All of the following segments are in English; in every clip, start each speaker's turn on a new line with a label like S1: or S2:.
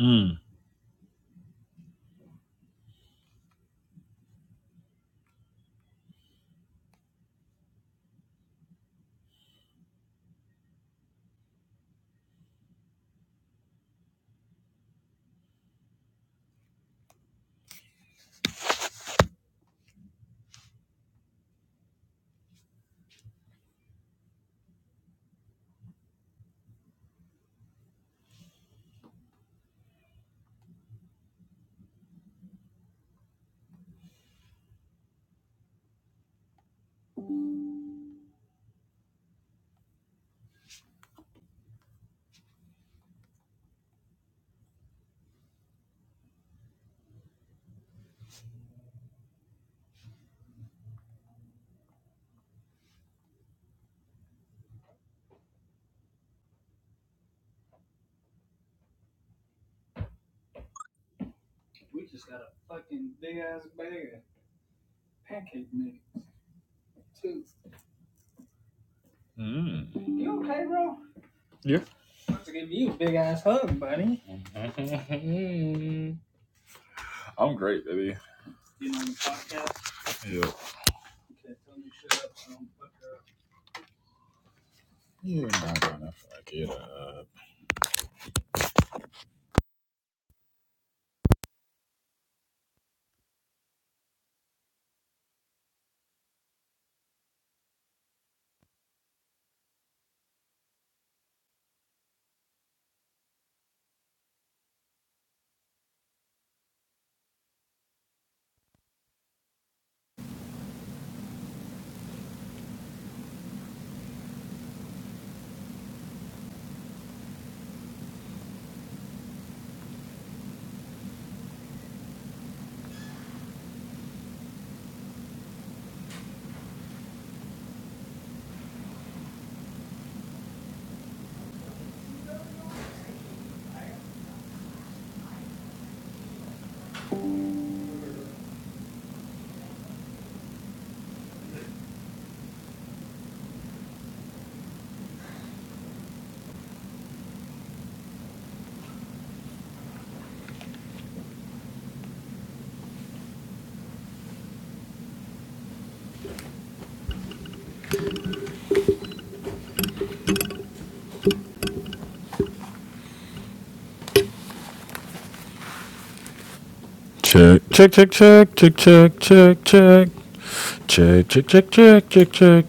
S1: Mm. Mm. Yeah. I'm great, baby. Yeah. Yeah, nah, nah, nah, Check, check, check, check, check, check, check, check, check, check, check, check, check, check.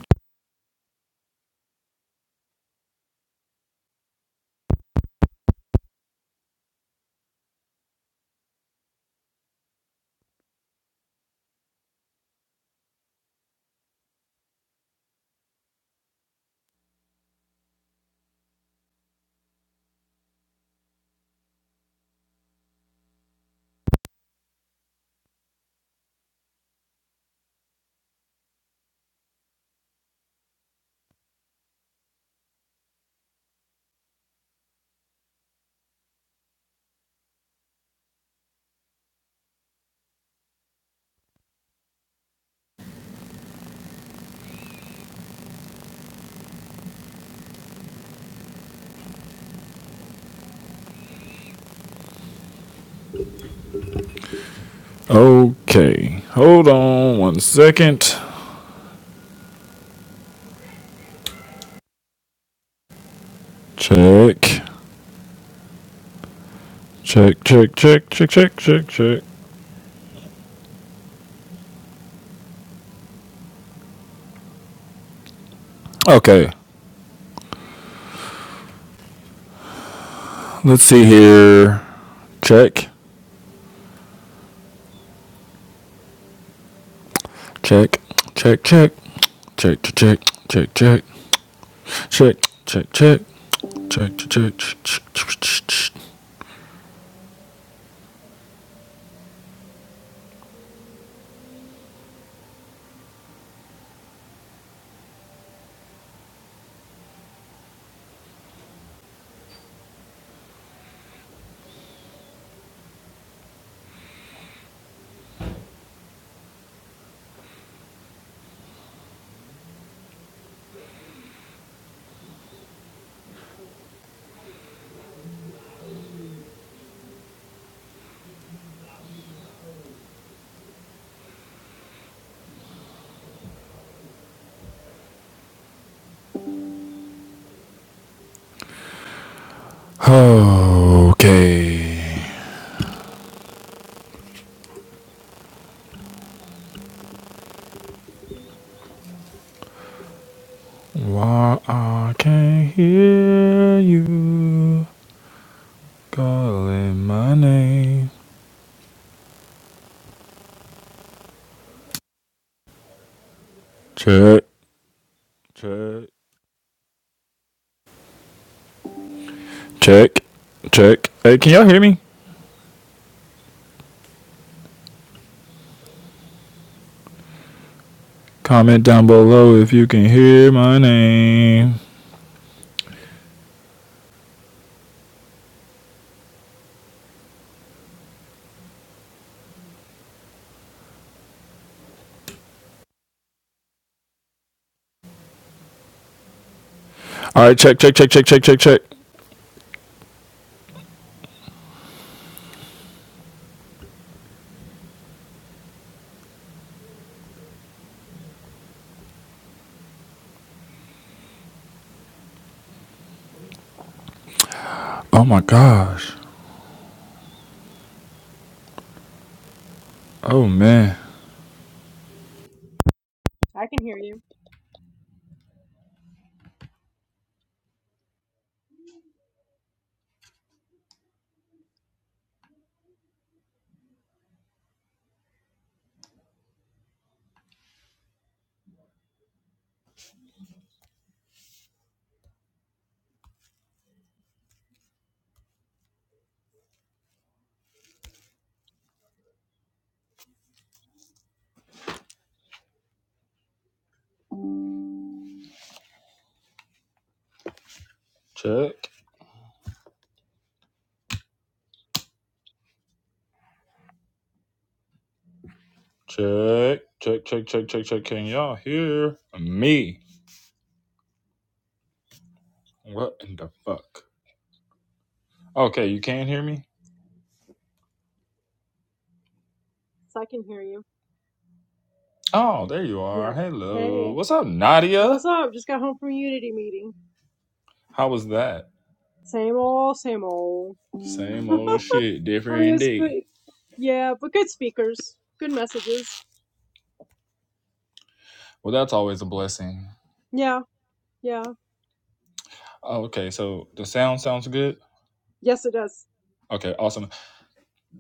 S1: Okay, hold on one second. Check, check, check, check, check, check, check, check. Okay, let's see here. Check, check, check, check, check, check, check, check, check, check, check, check. Check, check, check, check, check, check, Okay. Why I can't hear you calling my name. Check, check, check, check. Hey, can y'all hear me? Comment down below if you can hear my name. All right, check, check, check, check, check, check, check. Oh my gosh. Oh man.
S2: I can hear you.
S1: Check, check, check, check, check, check, check. Can y'all hear me? What in the fuck? Okay, you can hear me?
S2: So I can hear you.
S1: Oh, there you are.
S2: Yeah.
S1: Hello.
S2: Hey,
S1: What's up, Nadia?
S2: what's up? Just got home from Unity meeting.
S1: How was that?
S2: Same old, same old.
S1: Same
S2: I
S1: old shit,
S2: mean,
S1: different
S2: it's
S1: day.
S2: good. Yeah, but good speakers, good messages.
S1: Well, that's always a blessing.
S2: Yeah, yeah.
S1: Oh, Okay, so the sound sounds good.
S2: Yes, it does.
S1: Okay, awesome.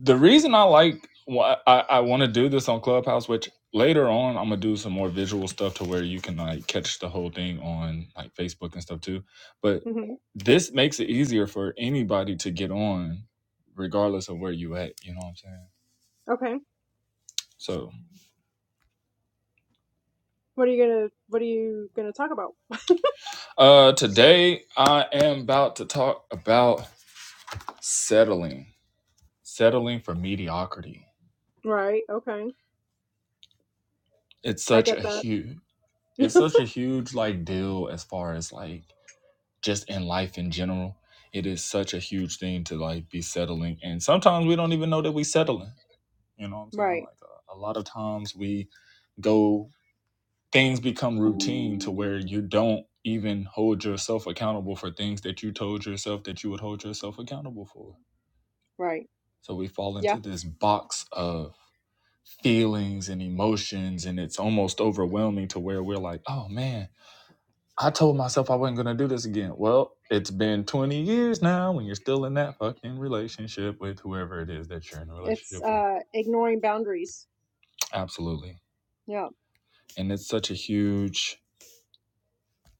S1: The reason I like, why I, I want to do this on Clubhouse, which later on I'm gonna do some more visual stuff to where you can like catch the whole thing on like Facebook and stuff too. But
S2: hmm
S1: this makes it easier for anybody to get on, regardless of where you at. You know what I'm saying?
S2: Okay.
S1: So
S2: What are you gonna What are you gonna talk about?
S1: Uh, today I am about to talk about settling, settling for mediocrity.
S2: Right. Okay.
S1: It's
S2: I
S1: such
S2: get
S1: a
S2: that.
S1: huge, it's such a huge like deal as far as like just in life in general. It is such a huge thing to like be settling, and sometimes we don't even know that we settling. You know what I'm saying?
S2: right.
S1: Like a, a lot of times we go, things become routine to where you don't even hold yourself accountable for things that you told yourself that you would hold yourself accountable for
S2: Right.
S1: So we fall into
S2: Yeah.
S1: this box of feelings and emotions, and it's almost overwhelming to where we're like, oh man, I told myself I wasn't going to do this again. Well, it's been 20 years now, and you're still in that fucking relationship with whoever it is that you're in a
S2: It's
S1: relationship with.
S2: uh ignoring boundaries.
S1: Absolutely.
S2: Yeah.
S1: And it's such a huge.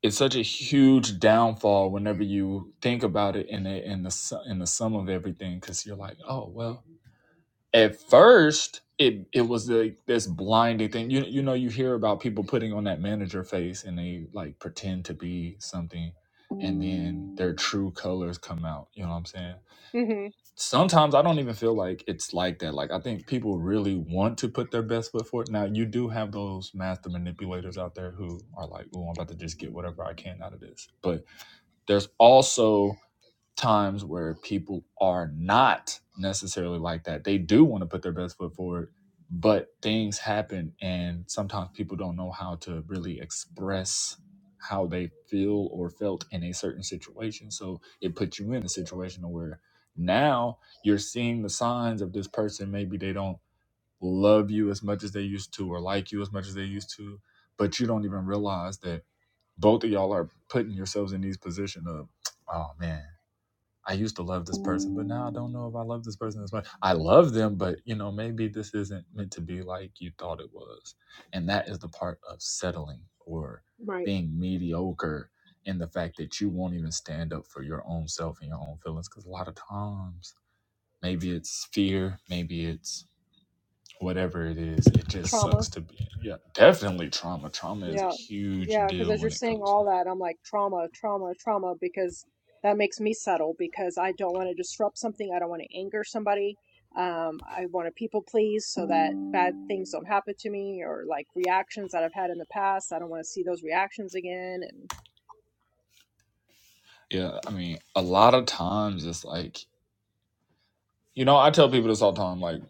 S1: It's such a huge downfall whenever you think about it in the in the su- in the sum of everything, because you're like, oh well, at first it it was like this blinding thing. You you know you hear about people putting on that manager face and they like pretend to be something and then their true colors come out. You know what I'm saying?
S2: hmm
S1: Sometimes I don't even feel like it's like that. Like I think people really want to put their best foot forward. Now you do have those master manipulators out there who are like, "Oh, I'm about to just get whatever I can out of this." But there's also times where people are not necessarily like that. They do want to put their best foot forward, but things happen, and sometimes people don't know how to really express how they feel or felt in a certain situation. So it puts you in a situation where now you're seeing the signs of this person. Maybe they don't love you as much as they used to or like you as much as they used to, but you don't even realize that both of y'all are putting yourselves in these position of, oh man, I used to love this person, but now I don't know if I love this person as much. I love them, but you know, maybe this isn't meant to be like you thought it was. And that is the part of settling or
S2: Right.
S1: being mediocre in the fact that you won't even stand up for your own self and your own feelings. Because a lot of times, maybe it's fear, maybe it's whatever it is, it just
S2: Trauma.
S1: sucks to be in. Yeah, definitely trauma. Trauma is a
S2: Yeah.
S1: huge
S2: Yeah. Because
S1: deal
S2: as you're
S1: when it
S2: saying
S1: comes to
S2: all
S1: that.
S2: that, I'm like, trauma, trauma, trauma, because that makes me settle because I don't want to disrupt something. I don't want to anger somebody. Um, I want to people please so that bad things don't happen to me or like reactions that I've had in the past. I don't want to see those reactions again.
S1: Yeah, I mean, a lot of times it's like, you know, I tell people this all the time. Like,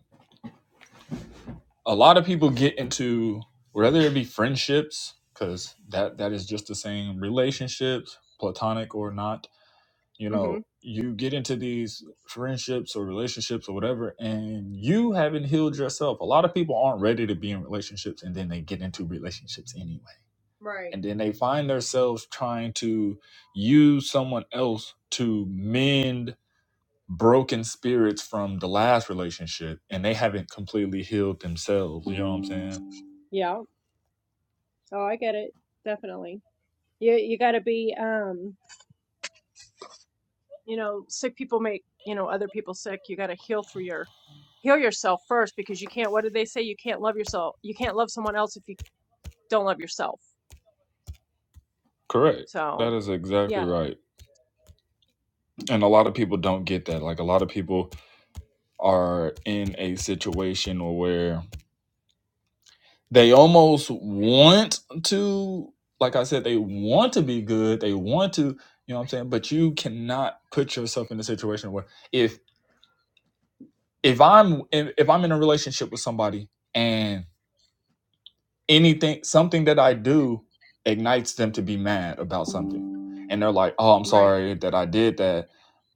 S1: a lot of people get into whether it be friendships because that that is just the same relationships platonic or not you
S2: And, hmm
S1: know you get into these friendships or relationships or whatever and you haven't healed yourself a lot of people aren't ready to be in relationships and then they get into relationships anyway
S2: Right.
S1: and then they find themselves trying to use someone else to mend broken spirits from the last relationship and they haven't completely healed themselves you know what i'm saying
S2: Yeah. Oh, I get it. Definitely. You, you got to be, um, you know sick people make you know other people sick you got to heal through your heal yourself first because you can't what did they say you can't love yourself you can't love someone else if you don't love yourself
S1: Correct.
S2: so
S1: That is exactly
S2: yeah
S1: right. And a lot of people don't get that. Like a lot of people are in a situation where they almost want to, like I said, they want to be good. They want to, you know what I'm saying? But you cannot put yourself in a situation where if if I'm if, if I'm in a relationship with somebody and anything something that I do ignites them to be mad about something. And they're like, "Oh, I'm
S2: Right,
S1: sorry that I did that."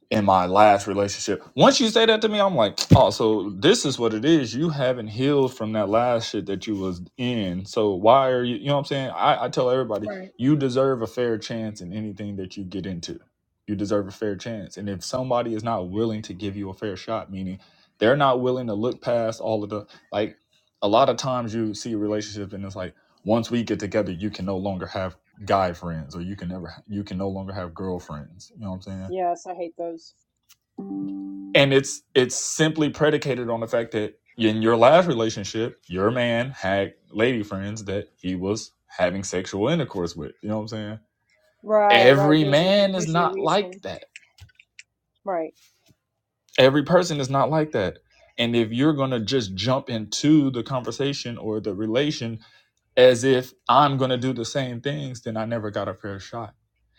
S1: in my last relationship. Once you say that to me, I'm like, oh, so this is what it is. You haven't healed from that last shit that you was in. So why are you? You know what I'm saying? I, I tell everybody,
S2: right,
S1: you deserve a fair chance in anything that you get into. You deserve a fair chance, and if somebody is not willing to give you a fair shot, meaning they're not willing to look past all of the like, a lot of times you see relationships and it's like once we get together, you can no longer have guy friends or you can never you can no longer have girlfriends. You know what I'm saying?
S2: yes i hate those
S1: and it's it's simply predicated on the fact that in your last relationship your man had lady friends that he was having sexual intercourse with you know what i'm saying
S2: right, right.
S1: every
S2: There's a,
S1: man is
S2: usually a
S1: not like
S2: reason.
S1: that
S2: Right.
S1: every person is not like that and if you're going to just jump into the conversation or the relation as if i'm going to do the same things then i never got a fair shot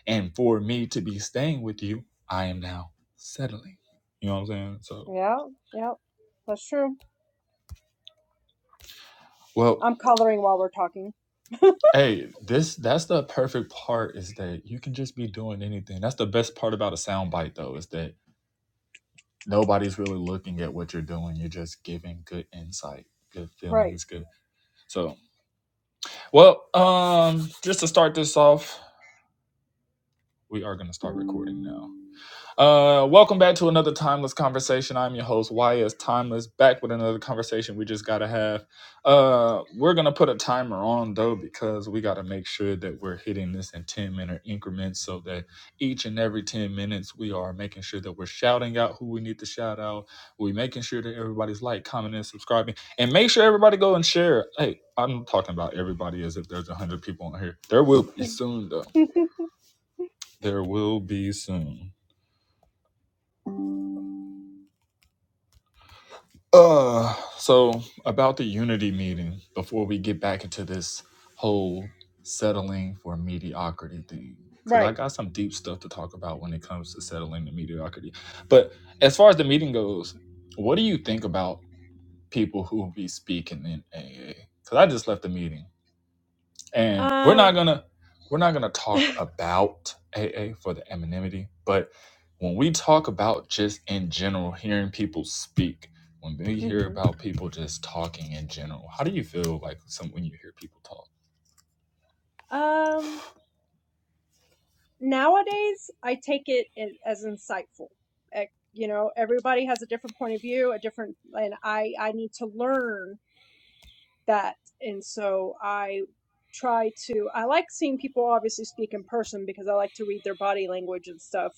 S1: and for me to be staying with you i am now settling you know what i'm saying so
S2: Yeah, yeah. That's true.
S1: well
S2: I'm coloring while we're talking.
S1: Hey, this that's the perfect part is that you can just be doing anything. That's the best part about a soundbite though, is that nobody's really looking at what you're doing. You're just giving good insight, good
S2: Right,
S1: feelings, good. So, well, um just to start this off, we are going to start recording now. Uh, welcome back to another timeless conversation. I'm your host, Why is Timeless, back with another conversation we just gotta have. Uh, we're gonna put a timer on though because we gotta make sure that we're hitting this in 10 minute increments so that each and every 10 minutes we are making sure that we're shouting out who we need to shout out. We're making sure that everybody's like, commenting, and subscribing, and make sure everybody go and share. Hey, I'm talking about everybody as if there's 100 people on here. There will be soon though. There will be soon. Uh, so about the unity meeting, before we get back into this whole settling for mediocrity thing, because I
S2: right.
S1: got some deep stuff to talk about when it comes to settling to mediocrity. But as far as the meeting goes, what do you think about people who be speaking in AA? Because I just left the meeting and we're not
S2: um
S1: gonna we're not gonna talk about AA for the anonymity, but when we talk about just in general hearing people speak, when we hear
S2: hmm
S1: about people just talking in general, how do you feel like some when you hear people talk?
S2: um nowadays I take it as insightful. E, You know, everybody has a different point of view, a different, and I I need to learn that, and so I try to. I like seeing people obviously speak in person because I like to read their body language and stuff.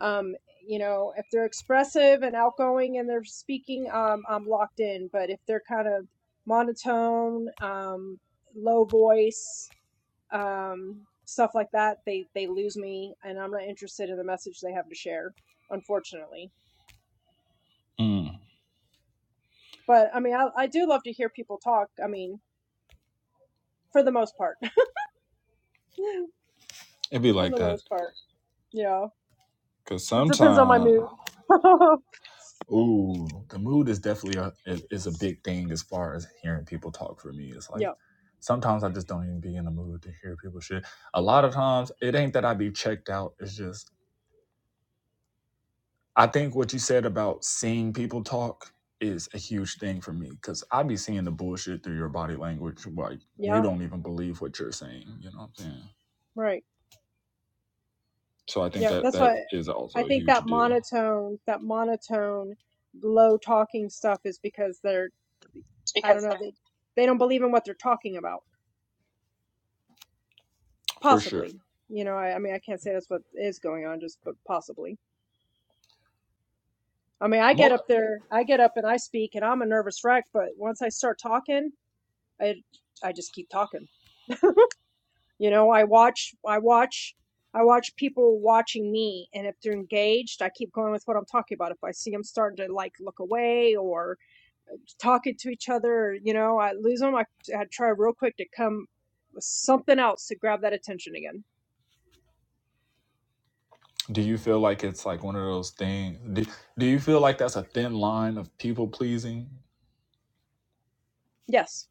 S2: Um, you know, if they're expressive and outgoing and they're speaking, um, I'm locked in. But if they're kind of monotone, um, low voice, um, stuff like that. They they lose me, and I'm not interested in the message they have to share, unfortunately.
S1: Mm,
S2: But I mean, I, I do love to hear people talk. I mean, for the most part,
S1: it'd be
S2: for
S1: like
S2: the
S1: that
S2: most part, yeah.
S1: because
S2: It depends on my
S1: sometimes,
S2: mood.
S1: ooh, the mood is definitely a is, is a big thing as far as hearing people talk for me. It's like
S2: yeah,
S1: sometimes I just don't even be in the mood to hear people shit. A lot of times it ain't that I be checked out. It's just I think what you said about seeing people talk is a huge thing for me because I be seeing the bullshit through your body language. Like you
S2: yeah,
S1: don't even believe what you're saying. You know what I'm saying?
S2: right.
S1: So I think
S2: Yeah,
S1: that
S2: that's why
S1: that is
S2: I
S1: also a
S2: think
S1: huge
S2: that
S1: deal
S2: monotone, that monotone, low talking stuff is because they're I don't
S3: because they're
S2: know they they don't believe in what they're talking about.
S1: for sure.
S2: possibly you know I, I mean i can't say that's what is going on just but possibly i mean i get
S1: Mo-
S2: up there i get up and i speak and i'm a nervous wreck but once i start talking i i just keep talking you know i watch i watch i watch people watching me and if they're engaged i keep going with what i'm talking about if i see them starting to like look away or talking to each other you know i lose them i, I try real quick to come with something else to grab that attention again
S1: do you feel like it's like one of those things? Do, do you feel like that's a thin line of people pleasing?
S2: Yes,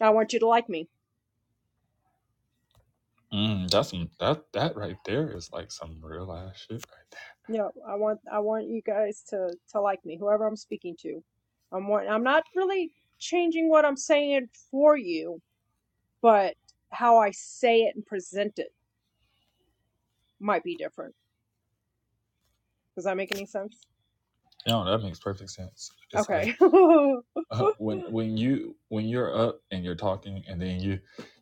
S2: I want you to like me.
S1: Mm, that's some, that that right there is like some real ass shit.
S2: Yeah, I want I want you guys to to like me, whoever I'm speaking to. I'm want, I'm not really changing what I'm saying for you, but how I say it and present it might be different. Does that make any sense?
S1: No, that makes perfect sense. It's like
S2: Okay.
S1: uh, when when you when you're up and you're talking and then you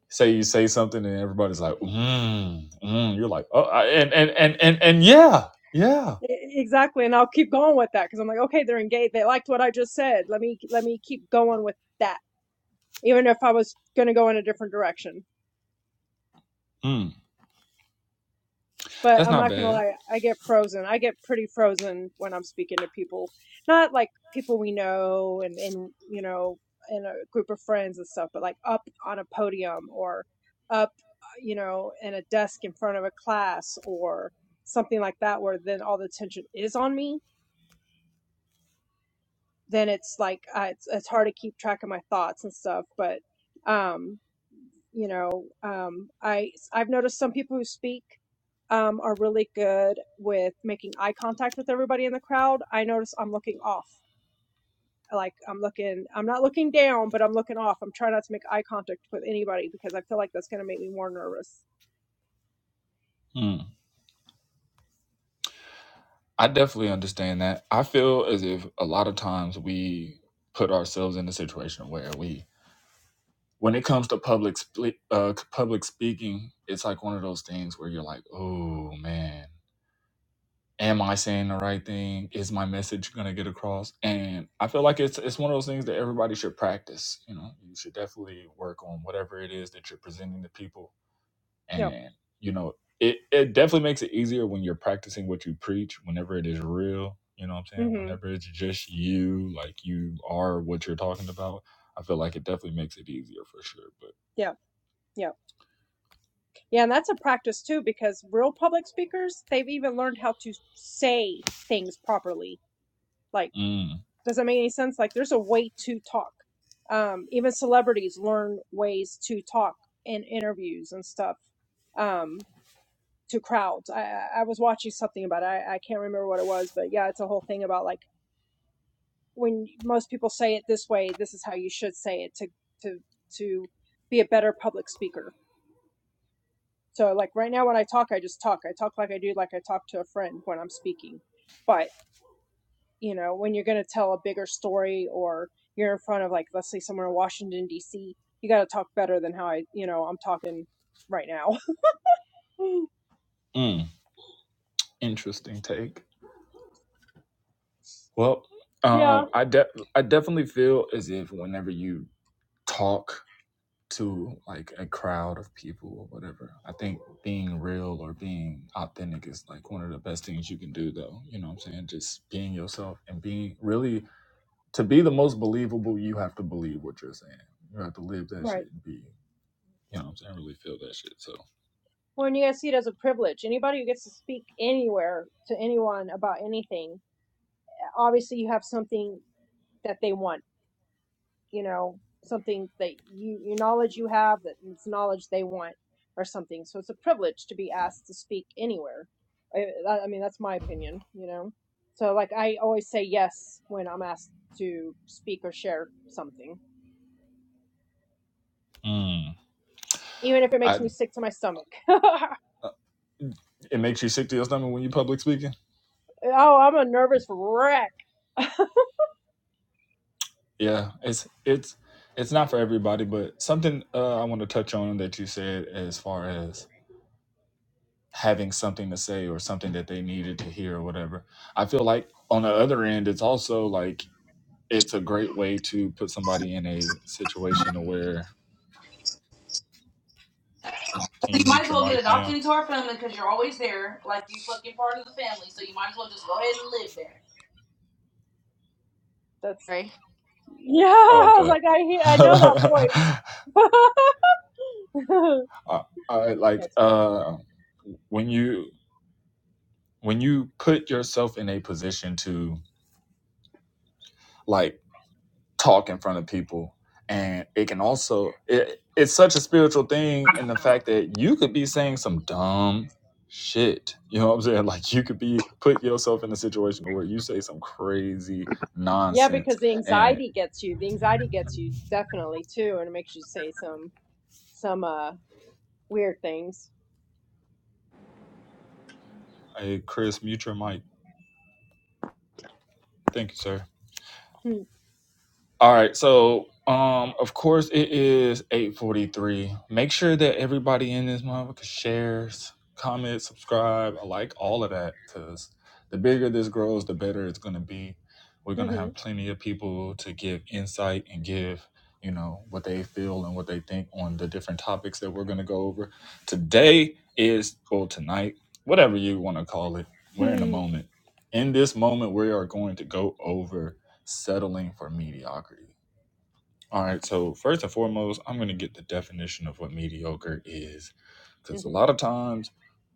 S1: say you say something and everybody's like mm, mm, you're like oh I, and, and and and and yeah yeah
S2: E- Exactly, and I'll keep going with that because I'm like, okay, they're engaged. They liked what I just said. Let me let me keep going with that. even if I was going to go in a different direction.
S1: mm,
S2: But
S1: that's
S2: I'm
S1: not
S2: not going to
S1: bad
S2: lie, I get frozen. I get pretty frozen when I'm speaking to people, not like people we know and, and you know, in a group of friends and stuff, but like up on a podium or up, you know, in a desk in front of a class or something like that, where then all the tension is on me. Then it's like uh, it's, it's hard to keep track of my thoughts and stuff. But um, you know um i i've noticed some people who speak um are really good with making eye contact with everybody in the crowd i notice i'm looking off like i'm looking i'm not looking down but i'm looking off i'm trying not to make eye contact with anybody because i feel like that's going to make me more nervous
S1: mm. i definitely understand that i feel as if a lot of times we put ourselves in a situation where we when it comes to public spli- uh, public speaking it's like one of those things where you're like oh man am I saying the right thing? Is my message gonna get across? And I feel like it's it's one of those things that everybody should practice. You know, you should definitely work on whatever it is that you're presenting to people.
S2: yeah
S1: And you know, it it definitely makes it easier when you're practicing what you preach. Whenever it is real, you know what I'm saying.
S2: mhm
S1: Whenever it's just you, like you are what you're talking about. I feel like it definitely makes it easier for sure. But
S2: yeah yeah yeah and that's a practice too because real public speakers they've even learned how to say things properly like
S1: mm,
S2: Does that make any sense? Like there's a way to talk. Um, even celebrities learn ways to talk in interviews and stuff um, to crowds. I, I I was watching something about it. I, I can't remember what it was, but yeah, it's a whole thing about like when most people say it this way, this is how you should say it to to to be a better public speaker. So like right now when I talk, I just talk. I talk like I do like I talk to a friend when I'm speaking but. you know, when you're going to tell a bigger story or you're in front of like, let's say somewhere in Washington D.C., you got to talk better than how I, you know, I'm talking right now.
S1: mm, interesting take. Well,
S2: yeah,
S1: um, I de- I definitely feel as if whenever you talk to like a crowd of people or whatever. I think being real or being authentic is like one of the best things you can do though. You know what I'm saying? Just being yourself and being really to be the most believable, you have to believe what you're saying. You have to live that
S2: right.
S1: shit and be, you know what I'm saying, really feel that shit. So,
S2: Well, and you guys see it as a privilege. Anybody who gets to speak anywhere to anyone about anything, obviously you have something that they want you know, something that you, you knowledge you have that it's knowledge they want or something. So it's a privilege to be asked to speak anywhere. I, I I mean, that's my opinion, you know. So like I always say yes when I'm asked to speak or share something,
S1: mm.
S2: even if it makes
S1: I
S2: me sick to my stomach. oh,
S1: uh, it makes you sick to your stomach when you public speaking.
S2: I'm a nervous wreck.
S1: Yeah, it's it's it's not for everybody, but something uh, I want to touch on that you said as far as having something to say or something that they needed to hear or whatever. I feel like on the other end, it's also like it's a great way to put somebody in a situation where can you mute your mic, ma'am?
S2: That's yeah.
S1: Oh,
S2: I was
S1: okay.
S2: like I hear, I know that voice.
S1: I, I like
S2: That's funny.
S1: uh, when you when you put yourself in a position to like talk in front of people and it can also it, it's such a spiritual thing in the fact that you could be saying some dumb shit you know what i'm saying like you could be put yourself in a situation where you say some crazy
S2: Yeah,
S1: nonsense
S2: because the
S1: and
S2: anxiety gets you. The anxiety gets you definitely too, and it makes you say some some uh weird things.
S1: hey chris mute your mic thank you sir
S2: Mm-hmm.
S1: All right, so um, of course it is eight forty three. Make sure that everybody in this motherfucker shares, comments, subscribe, I like all of that, because the bigger this grows, the better it's gonna be. We're gonna
S2: Mm-hmm.
S1: have plenty of people to give insight and give, you know, what they feel and what they think on the different topics that we're gonna go over. Today is or tonight, whatever you want to call it. We're in a
S2: hmm
S1: moment. In this moment, we are going to go over settling for mediocrity. All right, so first and foremost, I'm going to get the definition of what mediocre is
S2: Mhm.
S1: because a
S2: Mhm.
S1: lot of times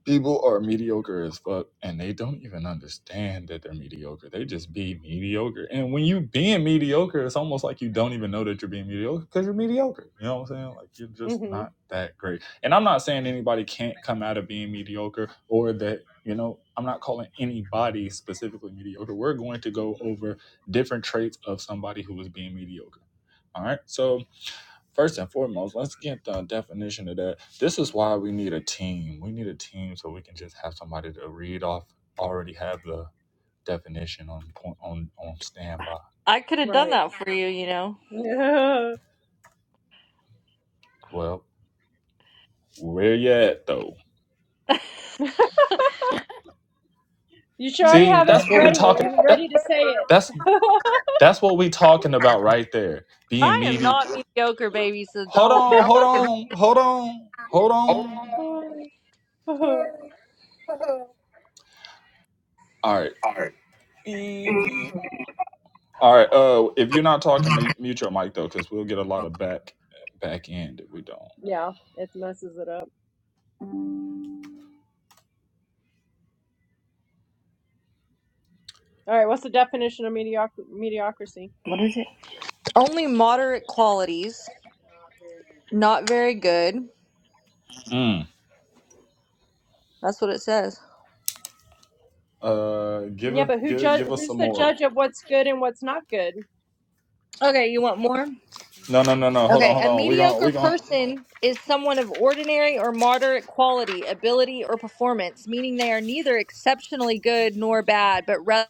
S1: people are mediocre as fuck and they don't even understand that they're mediocre. They just be mediocre. And when you being mediocre, it's almost like you don't even know that you're being mediocre because you're mediocre. You know what I'm saying? Like you're
S2: Mhm.
S1: just
S2: Mhm.
S1: not that great. And I'm not saying anybody can't come out of being mediocre or that, you know, I'm not calling anybody specifically mediocre. We're going to go over different traits of somebody who is being mediocre. All right. So first and foremost, let's get the definition of that. This is why we need a team. We need a team so we can just have somebody to read off. Already have the definition on point on on standby.
S4: I could have done
S2: Right.
S4: that for you, you know.
S2: Yeah.
S1: Well, where you at though?
S2: You should already
S1: See,
S2: have it
S1: that's what we
S2: ready
S1: talking.
S2: and
S1: That
S2: ready to say it.
S1: that's that's what we talking about right there. Being
S4: I am
S1: meaty.
S4: not mediocre, baby, so
S1: Hold
S4: don't.
S1: on. Hold on. Hold on. Hold on. All right. All right. Uh, if you're not talking, mute, mute your mic though, because we'll get a lot of back back end if we don't.
S2: yeah, it messes it up. All right, what's the definition of medioc mediocrity?
S4: What is it? Only moderate qualities. Not very good.
S1: Mm.
S4: That's what it says.
S1: Uh, give
S2: Yeah,
S1: us
S2: but who
S1: give
S2: judge
S1: give us
S2: who's
S1: some
S2: the
S1: more.
S2: judge of what's good and what's not good?
S4: Okay, you want more?
S1: No, no, no, no. Hold on,
S4: Okay,
S1: hold
S4: a
S1: on. We gon' we
S4: mediocre
S1: gon'
S4: person is someone of ordinary or moderate quality, ability, or performance, meaning they are neither exceptionally good nor bad, but rather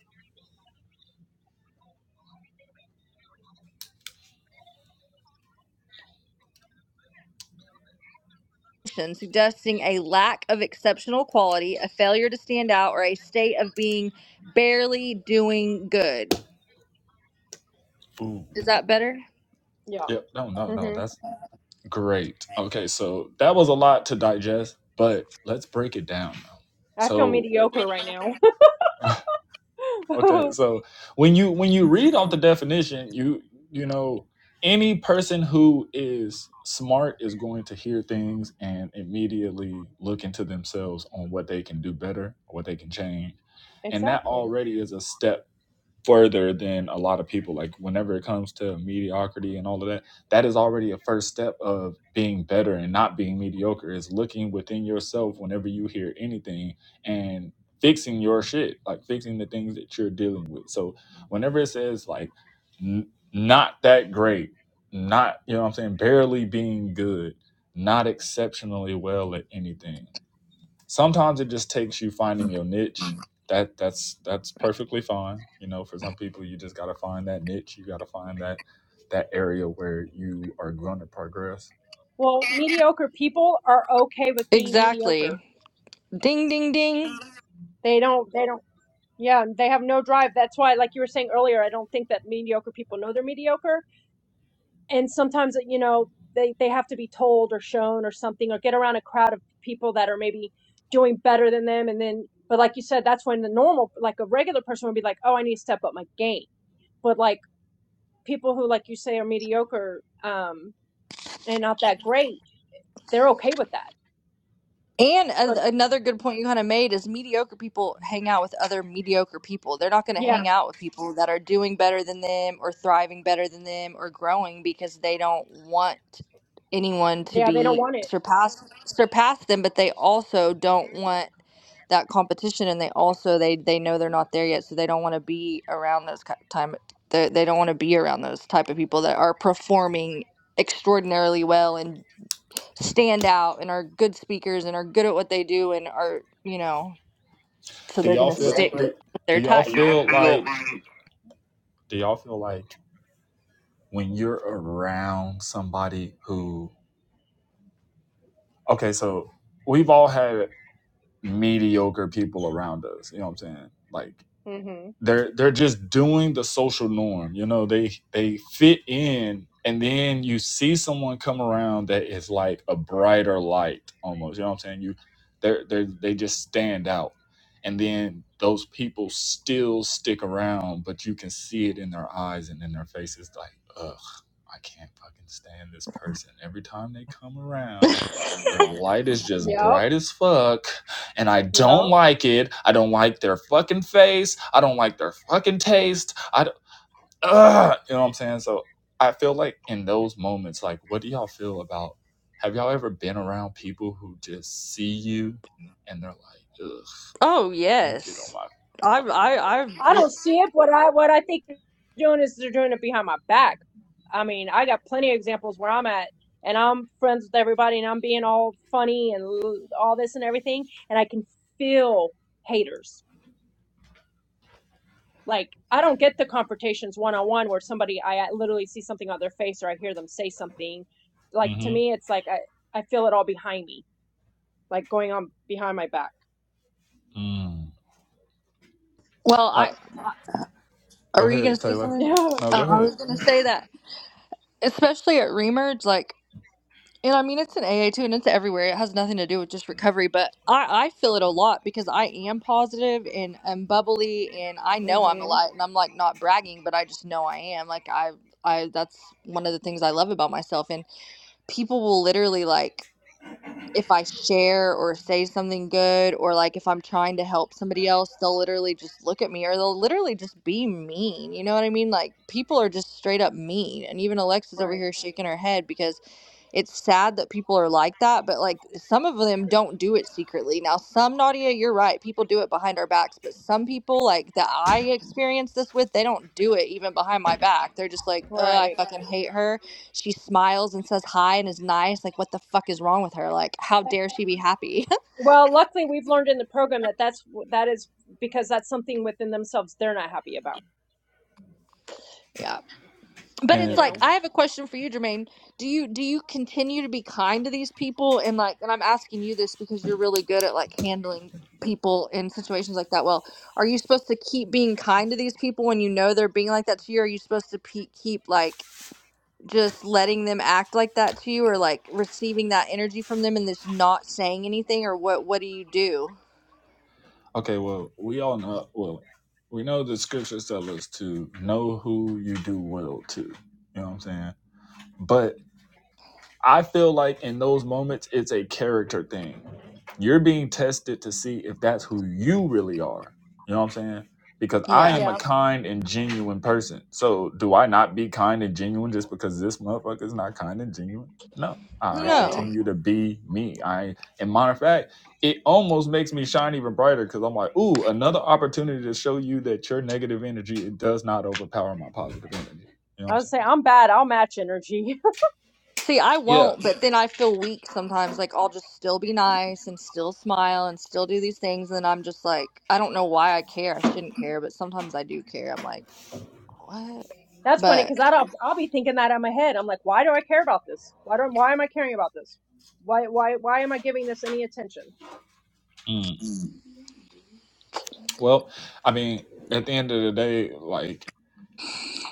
S4: suggesting a lack of exceptional quality, a failure to stand out, or a state of being barely doing good.
S1: Ooh.
S4: Is that better?
S2: Yeah.
S1: Yep. No, no, no.
S2: hmm
S1: That's great. Okay, so that was a lot to digest, but let's break it down. Now.
S2: I feel
S1: So,
S2: mediocre right now.
S1: okay, so when you when you read off the definition, you you know any person who is smart is going to hear things and immediately look into themselves on what they can do better, what they can change, and that
S2: Exactly.
S1: already is a step further than a lot of people. Like whenever it comes to mediocrity and all of that, that is already a first step of being better and not being mediocre. Is looking within yourself whenever you hear anything and fixing your shit, like fixing the things that you're dealing with. So whenever it says like n- not that great, not you know what I'm saying, barely being good, not exceptionally well at anything sometimes it just takes you finding your niche that that's that's perfectly fine you know for some people you just got to find that niche you got to find that that area where you are going to progress
S2: Well, mediocre people are okay with being mediocre.
S4: Exactly. Ding, ding, ding.
S2: They don't, they don't, yeah, they have no drive. That's why, like you were saying earlier, I don't think that mediocre people know they're mediocre. And sometimes, you know, they, they have to be told or shown or something or get around a crowd of people that are maybe doing better than them. And then, but like you said, that's when the normal, like a regular person would be like, oh, I need to step up my game. But like people who, like you say, are mediocre um, and not that great, they're okay with that.
S4: And
S2: But
S4: a- another good point you kind of made is mediocre people hang out with other mediocre people. They're not going to
S2: yeah,
S4: hang out with people that are doing better than them or thriving better than them or growing because they don't want anyone to
S2: yeah, they don't
S4: be
S2: want it.
S4: surpassed surpass them, but they also don't want that competition and they also they they know they're not there yet so they don't want to be around those ki- time they, they don't want to be around those type of people that are performing extraordinarily well and. stand out and are good speakers and are good at what they do and are you know so
S1: do
S4: they're
S1: y'all
S4: gonna
S1: feel
S4: stick with
S1: do, do
S4: their
S1: y'all
S4: type. Y'all
S1: feel
S4: feel me?
S1: like do y'all feel like when you're around somebody who okay so we've all had mediocre people around us you know what i'm saying like
S2: Mm-hmm.
S1: they're they're just doing the social norm you know they they fit in and then you see someone come around that is like a brighter light almost you know what i'm saying you they're they they just stand out and then those people still stick around but you can see it in their eyes and in their faces like ugh I can't fucking stand this person. Every time they come around, their light is just
S2: Yep.
S1: bright as fuck and I don't
S2: Yep.
S1: like it. I don't like their fucking face. I don't like their fucking taste. I don't, ugh, you know what I'm saying? So I feel like in those moments, like, what do y'all feel about? Have y'all ever been around people who just see you and they're like, ugh,
S4: Oh
S1: you get on
S4: yes,
S1: my
S4: I've
S1: fucking
S4: I, I've
S2: I
S4: been,
S2: don't
S1: nerves.
S2: see it, but I what I think they're doing is they're doing it behind my back. I mean, I got plenty of examples where I'm at and I'm friends with everybody and I'm being all funny and l- all this and everything and I can feel haters. Like I don't get the confrontations one on one where somebody I I literally see something on their face or I hear them say something. Like to
S1: Mm-hmm.
S2: me it's like I I feel it all behind me, like going on behind my back.
S1: Mm.
S4: well
S1: I,
S4: I
S1: go
S4: are you gonna
S1: ahead,
S4: say
S1: Taylor.
S4: something?
S2: Yeah.
S1: No, go
S4: Uh, I
S1: ahead.
S4: was gonna say that especially at Remerge, like. And I mean, it's an AA too, and it's everywhere. It has nothing to do with just recovery, but I, I feel it a lot because I am positive and I'm bubbly, and I know I'm a
S2: Mhm.
S4: lot, and I'm like not bragging, but I just know I am. Like I, I that's one of the things I love about myself, and people will literally like if I share or say something good or like if I'm trying to help somebody else, they'll literally just look at me or they'll literally just be mean. You know what I mean? Like people are just straight up mean. And even Alexa's over
S2: Right.
S4: here shaking her head because it's sad that people are like that, but like some of them don't do it secretly. Now, some Nadia, you're right, people do it behind our backs, but some people like that I experience this with, they don't do it even behind my back. They're just like, "Uh, I
S2: Right.
S4: fucking hate her." she smiles and says hi and is nice. Like, what the fuck is wrong with her? Like, how dare she be happy?
S2: Well, luckily we've learned in the program that that's that is because that's something within themselves they're not happy about,
S4: yeah. But
S2: you
S4: it's
S1: And.
S4: like,
S2: know.
S4: I have a question for you, Jermaine. Do you do you continue to be kind to these people? And like, and I'm asking you this because you're really good at like handling people in situations like that. Well, are you supposed to keep being kind to these people when you know they're being like that to you? Are you supposed to pe- keep like just letting them act like that to you, or like receiving that energy from them and just not saying anything, or what? What do you do?
S1: Okay, well, we all know. Well, we know the scriptures tell us to know who you do well to. You know what I'm saying? But I feel like in those moments, it's a character thing. You're being tested to see if that's who you really are. You know what I'm saying? Because I
S4: Yeah.
S1: am a
S2: Yeah.
S1: kind and genuine person. So do I not be kind and genuine just because this motherfucker is not kind and genuine? No, I
S4: No.
S1: continue to be me. I, and matter of fact, it almost makes me shine even brighter because I'm like, ooh, another opportunity to show you that your negative energy it does not overpower my positive energy. You know what
S2: I
S1: I'm
S2: was saying I'm bad. I'll match energy.
S4: See, I
S1: saying?
S4: won't, but then I feel weak sometimes. Like, I'll just still be nice and still smile and still do these things. And then I'm just like, I don't know why I care. I shouldn't care, but sometimes I do care. I'm like, what?
S2: that's funny
S4: But
S2: cuz I don't I'll be thinking that in my head. I'm like, why do I care about this? Why don't why am I caring about this? Why why why am I giving this any attention?
S1: Yeah. Well, I mean, at the end of the day, like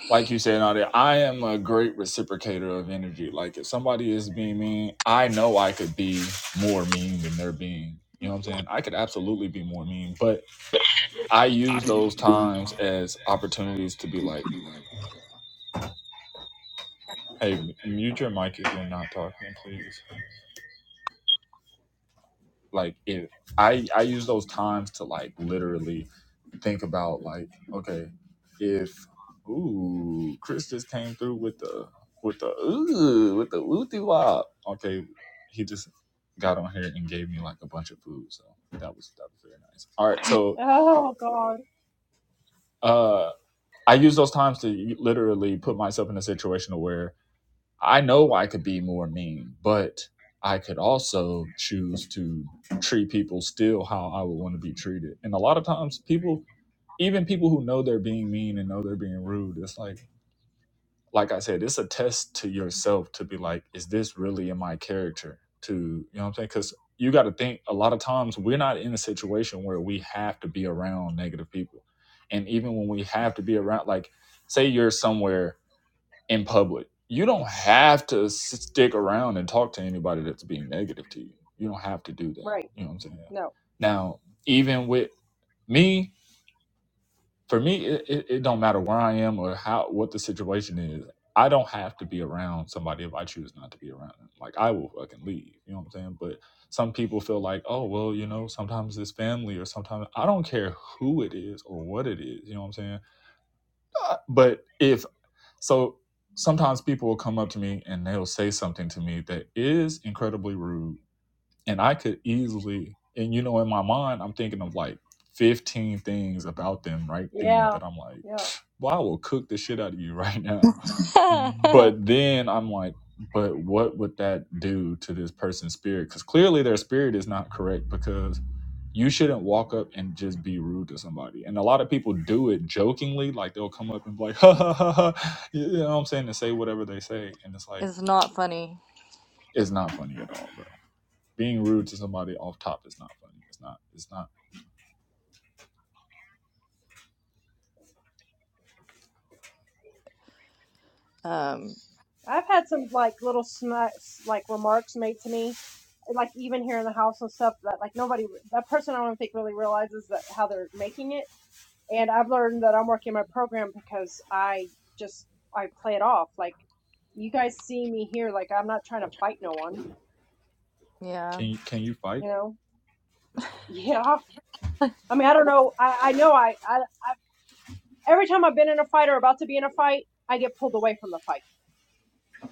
S1: like you said, Nadia, I am a great reciprocator of energy. Like if somebody is being mean, I know I could be more mean than they're being. You know what I'm saying? I could absolutely be more mean, but I use those times as opportunities to be like, "Hey, mute your mic if you're not talking, please." Like if I I use those times to like literally think about like, okay, if ooh, Chris just came through with the with the ooh with the wooty wop. Okay, he just got on here and gave me like a bunch of food, so that was that was very nice. All right, so
S2: Oh god.
S1: uh, I use those times to literally put myself in a situation where I know I could be more mean, but I could also choose to treat people still how I would want to be treated. And a lot of times people even people who know they're being mean and know they're being rude, it's like, like I said, it's a test to yourself to be like, is this really in my character? To, you know what I'm saying? Because you got to think a lot of times we're not in a situation where we have to be around negative people. And even when we have to be around, like, say you're somewhere in public, you don't have to s- stick around and talk to anybody that's being negative to you. You don't have to do that.
S2: Right.
S1: You know what I'm saying?
S2: No.
S1: Now, even with me, for me it, it, it don't matter where i am or how what the situation is i don't have to be around somebody if i choose not to be around them like i will fucking leave you know what i'm saying but some people feel like oh well you know sometimes it's family or sometimes i don't care who it is or what it is you know what i'm saying Uh, but if so sometimes people will come up to me and they'll say something to me that is incredibly rude and I could easily, and you know, in my mind, I'm thinking of like 15 things about them right then
S2: Yeah.
S1: that I'm like,
S2: No.
S1: well, I will cook the shit out of you right now. But then I'm like, but what would that do to this person's spirit? Because clearly their spirit is not correct because you shouldn't walk up and just be rude to somebody. And a lot of people do it jokingly, like they'll come up and be like, ha ha ha ha, you know what I'm saying, and say whatever they say. And it's like,
S4: it's not funny.
S1: it's not funny at all, bro being rude to somebody off top is not funny. It's not. It's not.
S4: Um,
S2: I've had some like little smi- like remarks made to me like even here in the house and stuff that like nobody that person I don't think really realizes that how they're making it and I've learned that I'm working my program because I just I play it off like you guys see me here like I'm not trying to fight no one
S4: yeah.
S1: Can you can you fight?
S2: you know yeah I mean I don't know I I know I I, I every time I've been in a fight or about to be in a fight I get pulled away from the fight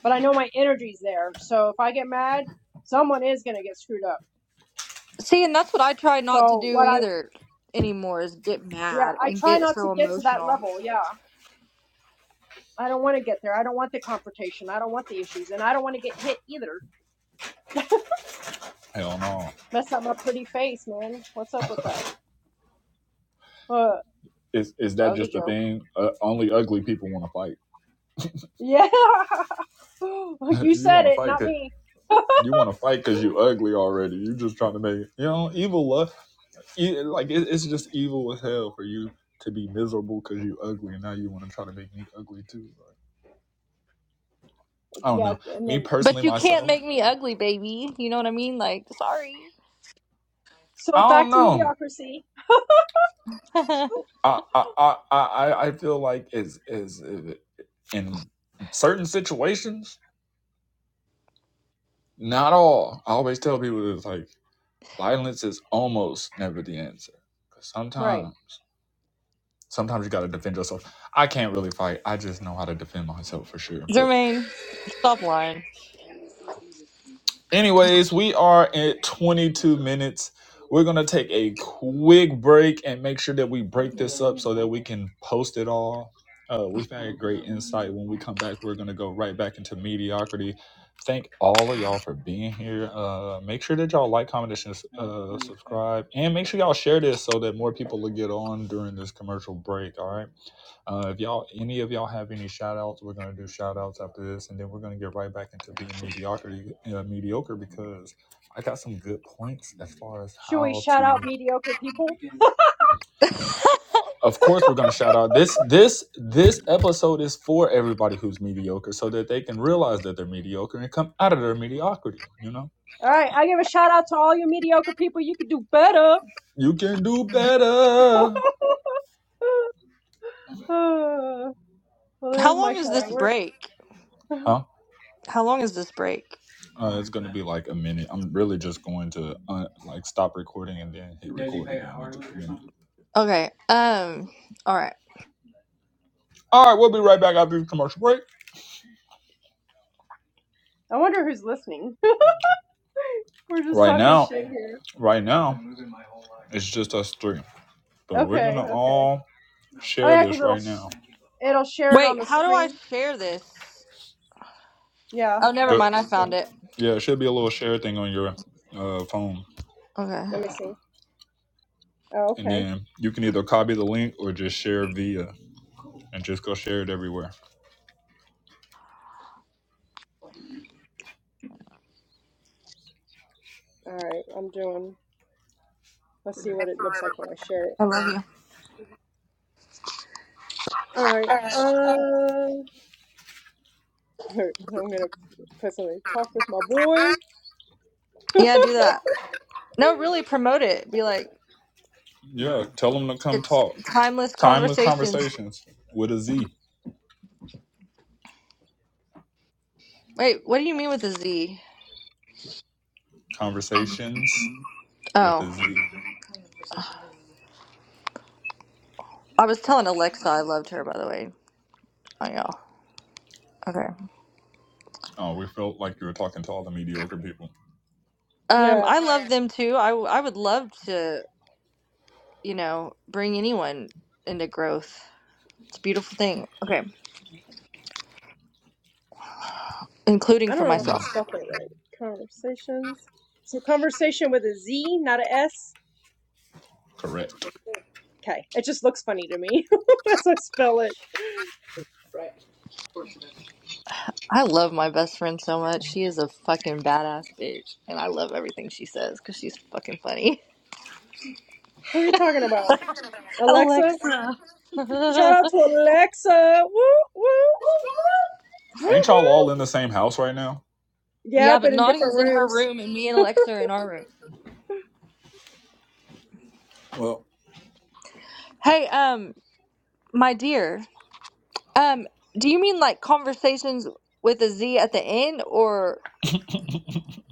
S2: but I know my energy's there so if I get mad someone is gonna get screwed up
S4: See, and that's what I try not to
S2: so
S4: do
S2: what I
S4: either anymore is get
S2: yeah
S4: mad
S2: I
S4: and
S2: try
S4: get
S2: not to
S4: so
S2: get to that
S4: emotional.
S2: level yeah I don't want to get there I don't want the confrontation I don't want the issues and I don't want to get hit either
S1: Hell no.
S2: Mess up my pretty face, man. What's up with that? Uh,
S1: Is is
S2: that
S1: that
S2: was a
S1: just a
S2: joke.
S1: thing? Uh, only ugly people want to fight.
S2: Yeah. you
S1: you
S2: said
S1: want to
S2: it,
S1: fight
S2: not
S1: 'cause-
S2: me.
S1: you want to fight because you ugly already. You just trying to make it, you know evil love. e- Like it, it's just evil as hell for you to be miserable because you ugly, and now you want to try to make me ugly too. Like, I don't
S2: yeah,
S1: know.
S2: and
S1: Me
S2: then
S4: But
S1: personally,
S4: you can't
S1: myself,
S4: make me ugly, baby. You know what I mean? Like, sorry.
S2: so
S1: I don't
S2: back to
S1: know.
S2: mediocrity.
S1: I I I I, I I feel like is is in certain situations Not all. I always tell people it's like violence is almost never the answer. Cause
S2: Right.
S1: sometimes sometimes you gotta defend yourself. I can't really fight. I just know how to defend myself for sure. But.
S4: Jermaine, stop lying.
S1: Anyways, we are at 22 minutes. We're going to take a quick break and make sure that we break this up so that we can post it all. Uh, we found a great insight. When we come back, we're going to go right back into mediocrity. Thank all of y'all for being here. Uh, make sure that y'all like, comment, and uh, subscribe. And make sure y'all share this so that more people will get on during this commercial break. All right. Uh, if y'all, any of y'all have any shout outs, we're going to do shout outs after this, and then we're going to get right back into being mediocrity, uh, mediocre because I got some good points as far as
S2: Should we
S1: how
S2: shout out
S1: to.
S2: mediocre people?
S1: Of
S2: All
S1: course, we're going to shout out this this this episode is for everybody who's mediocre, so that they can realize that they're mediocre and come out of their mediocrity. You know,
S2: right, I give a shout out to all you mediocre people. You could do better.
S1: you can do better.
S2: Uh, well, there
S4: How
S2: is my
S4: long is
S2: shout
S4: this
S2: out. We're,
S4: break?
S1: Huh?
S4: How long is this break?
S1: Uh, it's gonna be like a minute. I'm really just going to uh, like stop recording and then hit record. like,
S4: Okay. Um. All right.
S1: All right, we'll be right back after the commercial break.
S2: I wonder who's listening. We're just
S1: Right
S2: talking
S1: now,
S2: shit here.
S1: right now, it's just us three. But we're
S2: Okay,
S1: gonna
S2: okay.
S1: all
S2: Oh
S1: share
S2: yeah, because
S1: this
S2: it'll
S1: right
S2: sh-
S1: now.
S2: it'll share it on
S4: Wait.
S2: the
S4: How do I
S2: screen.
S4: share this?
S2: Yeah,
S4: Oh, never
S1: There,
S2: that's
S4: mind.
S2: the
S4: I found
S2: too.
S4: it.
S1: yeah, it should be a little share thing on your uh, phone,
S4: Okay.
S2: Let me see. Oh,
S1: and
S2: okay.
S1: then you can either copy the link or just share via, and just go share it everywhere.
S2: All right. I'm doing. Let's see what it looks like when I share it.
S4: I love you.
S2: All right. Um, I'm gonna put something. Talk with my boy.
S4: Yeah. Do that. No, really promote it. Be like,
S1: Yeah, tell them to come
S4: it's
S1: talk.
S4: timeless
S1: Timeless
S4: conversations.
S1: conversations with a Z.
S4: Wait. What do you mean with a Z?
S1: Conversations with a
S4: Oh,
S1: Z.
S4: I was telling Alexa I loved her. By the way. Oh yeah. Okay.
S1: Oh, we felt like you were talking to all the mediocre people.
S4: Um.
S2: Yeah,
S4: I love them too. I w- I would love to you know bring anyone into growth. It's a beautiful thing. Okay. Including
S2: I
S4: for
S2: don't know if I
S4: myself.
S1: Mm,
S2: spelled that right. Conversations. So conversation with a Z, not a S.
S1: correct.
S2: Okay, it just looks funny to me as I spell it.
S4: I love my best friend so much. She is a fucking badass bitch, and I love everything she says because she's fucking funny.
S2: Who are you talking about? Alexa.
S4: Alexa.
S2: Shout out to Alexa. Woo woo woo
S1: Ain't y'all
S2: woo.
S1: all in the same house right now?
S2: Yeah,
S4: yeah, but
S2: but in different
S4: Nadia's in her
S2: rooms.
S4: room, and me and Alexa are in our room.
S1: Well,
S4: Hey, um, my dear, um, do you mean like conversations with a Z at the end, or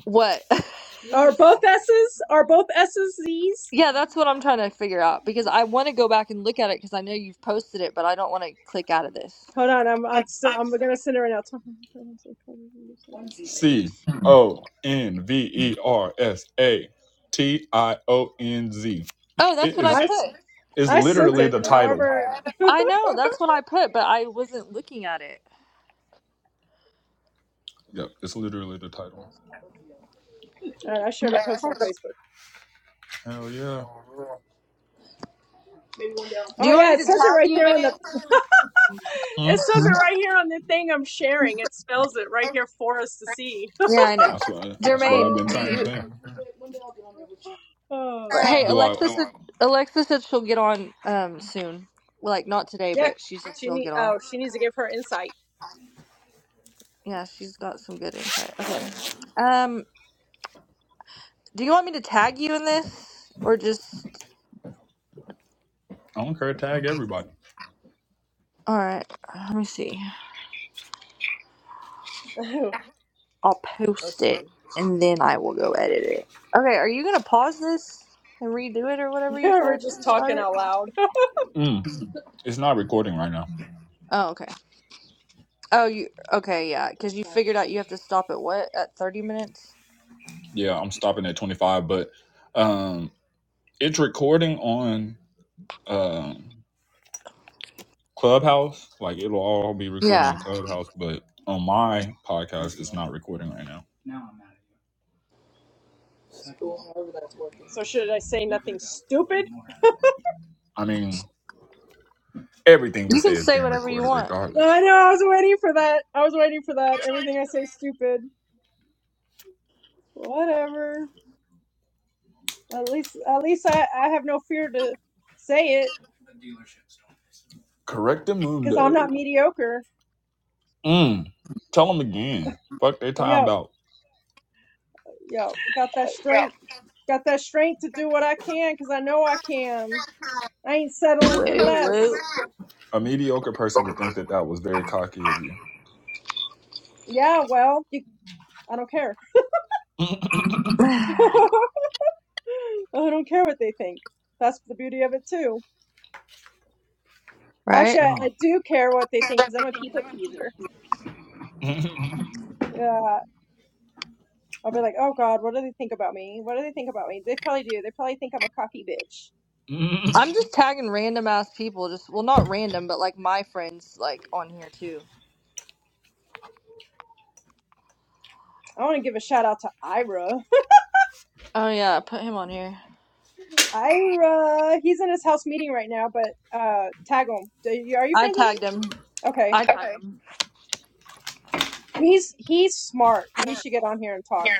S4: what?
S2: Are both S's? Are both S's Z's?
S4: yeah, that's what I'm trying to figure out because I want to go back and look at it because I know you've posted it, but I don't want to click out of this.
S2: Hold on, I'm I'm so, I'm gonna send it right now.
S1: C O N V E R S A T I O N Z.
S4: Oh,
S1: It
S4: that's what I
S2: I
S1: is
S2: s-
S4: put.
S1: is
S2: I sent
S1: literally
S2: it.
S1: the title.
S2: However, all
S4: I know that's what I put, but I wasn't looking at it.
S1: Yep, it's literally the title.
S2: right, I shared a post on Facebook.
S1: Hell yeah.
S4: Do
S2: Oh
S4: you want
S2: yeah,
S4: me
S2: it
S4: to
S2: says it
S4: tag
S2: right
S4: you
S2: there
S4: in
S2: on the.
S4: it?
S2: It
S1: Hmm.
S2: says it right here on the thing I'm sharing. It spells it right here for us to see.
S4: Yeah, I know.
S1: That's what I, that's what I've
S4: Jermaine,
S1: been
S4: do
S1: trying to
S4: you?
S1: say.
S4: Hey,
S2: oh
S1: Do I?
S4: Alexa said Alexa said she'll get on um soon. Well, like not today,
S2: yeah,
S4: but she said
S2: she
S4: she'll
S2: need.
S4: get on.
S2: Oh, she needs to give her insight.
S4: Yeah, she's got some good insight. Okay. Um, do you want me to tag you in this or just?
S1: I don't care. Tag everybody.
S4: All right. Let me see.
S2: Let's
S4: I'll post
S2: see.
S4: it and then I will go edit it. Okay. Are you gonna pause this and redo it or whatever you
S2: Yeah, we're
S4: said? when
S2: just
S4: You
S2: talking
S4: started.
S2: out loud.
S1: Mm, it's not recording right now.
S4: Oh, okay. Oh, you okay? Yeah, because you figured out you have to stop at what at thirty minutes.
S1: Yeah, I'm stopping at 25, but um, it's recording on um Clubhouse. Like it'll all be recorded on
S4: Yeah.
S1: Clubhouse, but on my podcast, it's not recording right now.
S2: So should I say nothing stupid?
S1: I mean. Everything we
S4: You
S1: say
S4: can
S1: is
S4: say
S1: being
S4: whatever you
S1: recorded
S4: want.
S2: No,
S1: regardless.
S2: I know. I was waiting for that. I was waiting for that. Everything I say, is stupid. Whatever. At least, at least I, I have no fear to say it
S1: Correct
S2: because I'm
S1: mundo.
S2: not mediocre.
S1: Mm. Tell them again. Fuck they time
S2: Yo,
S1: about.
S2: yo, got that strength. Got that strength to do what I can because I know I can. I ain't settling for
S4: Wait, wait.
S2: less.
S1: A mediocre person would think that that was very cocky of you.
S2: Yeah, well, you, I don't care. I don't care what they think. That's the beauty of it too. Actually,
S4: Right?
S2: I,
S1: Mm.
S2: I do care what they think because I'm a people pleaser. Yeah. I'll be like, oh God, what do they think about me? What do they think about me? They probably do. They probably think I'm a cocky bitch.
S1: Mm.
S4: I'm just tagging random ass people. Just well not random, but like my friends like on here too.
S2: I want to give a shout out to Ira.
S4: Oh yeah, put him on here.
S2: Ira, he's in his house meeting right now, but uh, tag him. Do you, are you
S4: I
S2: friends with
S4: tagged
S2: him?
S4: him.
S2: Okay,
S4: I tagged Okay. him.
S2: he's he's smart. He should get on here and talk.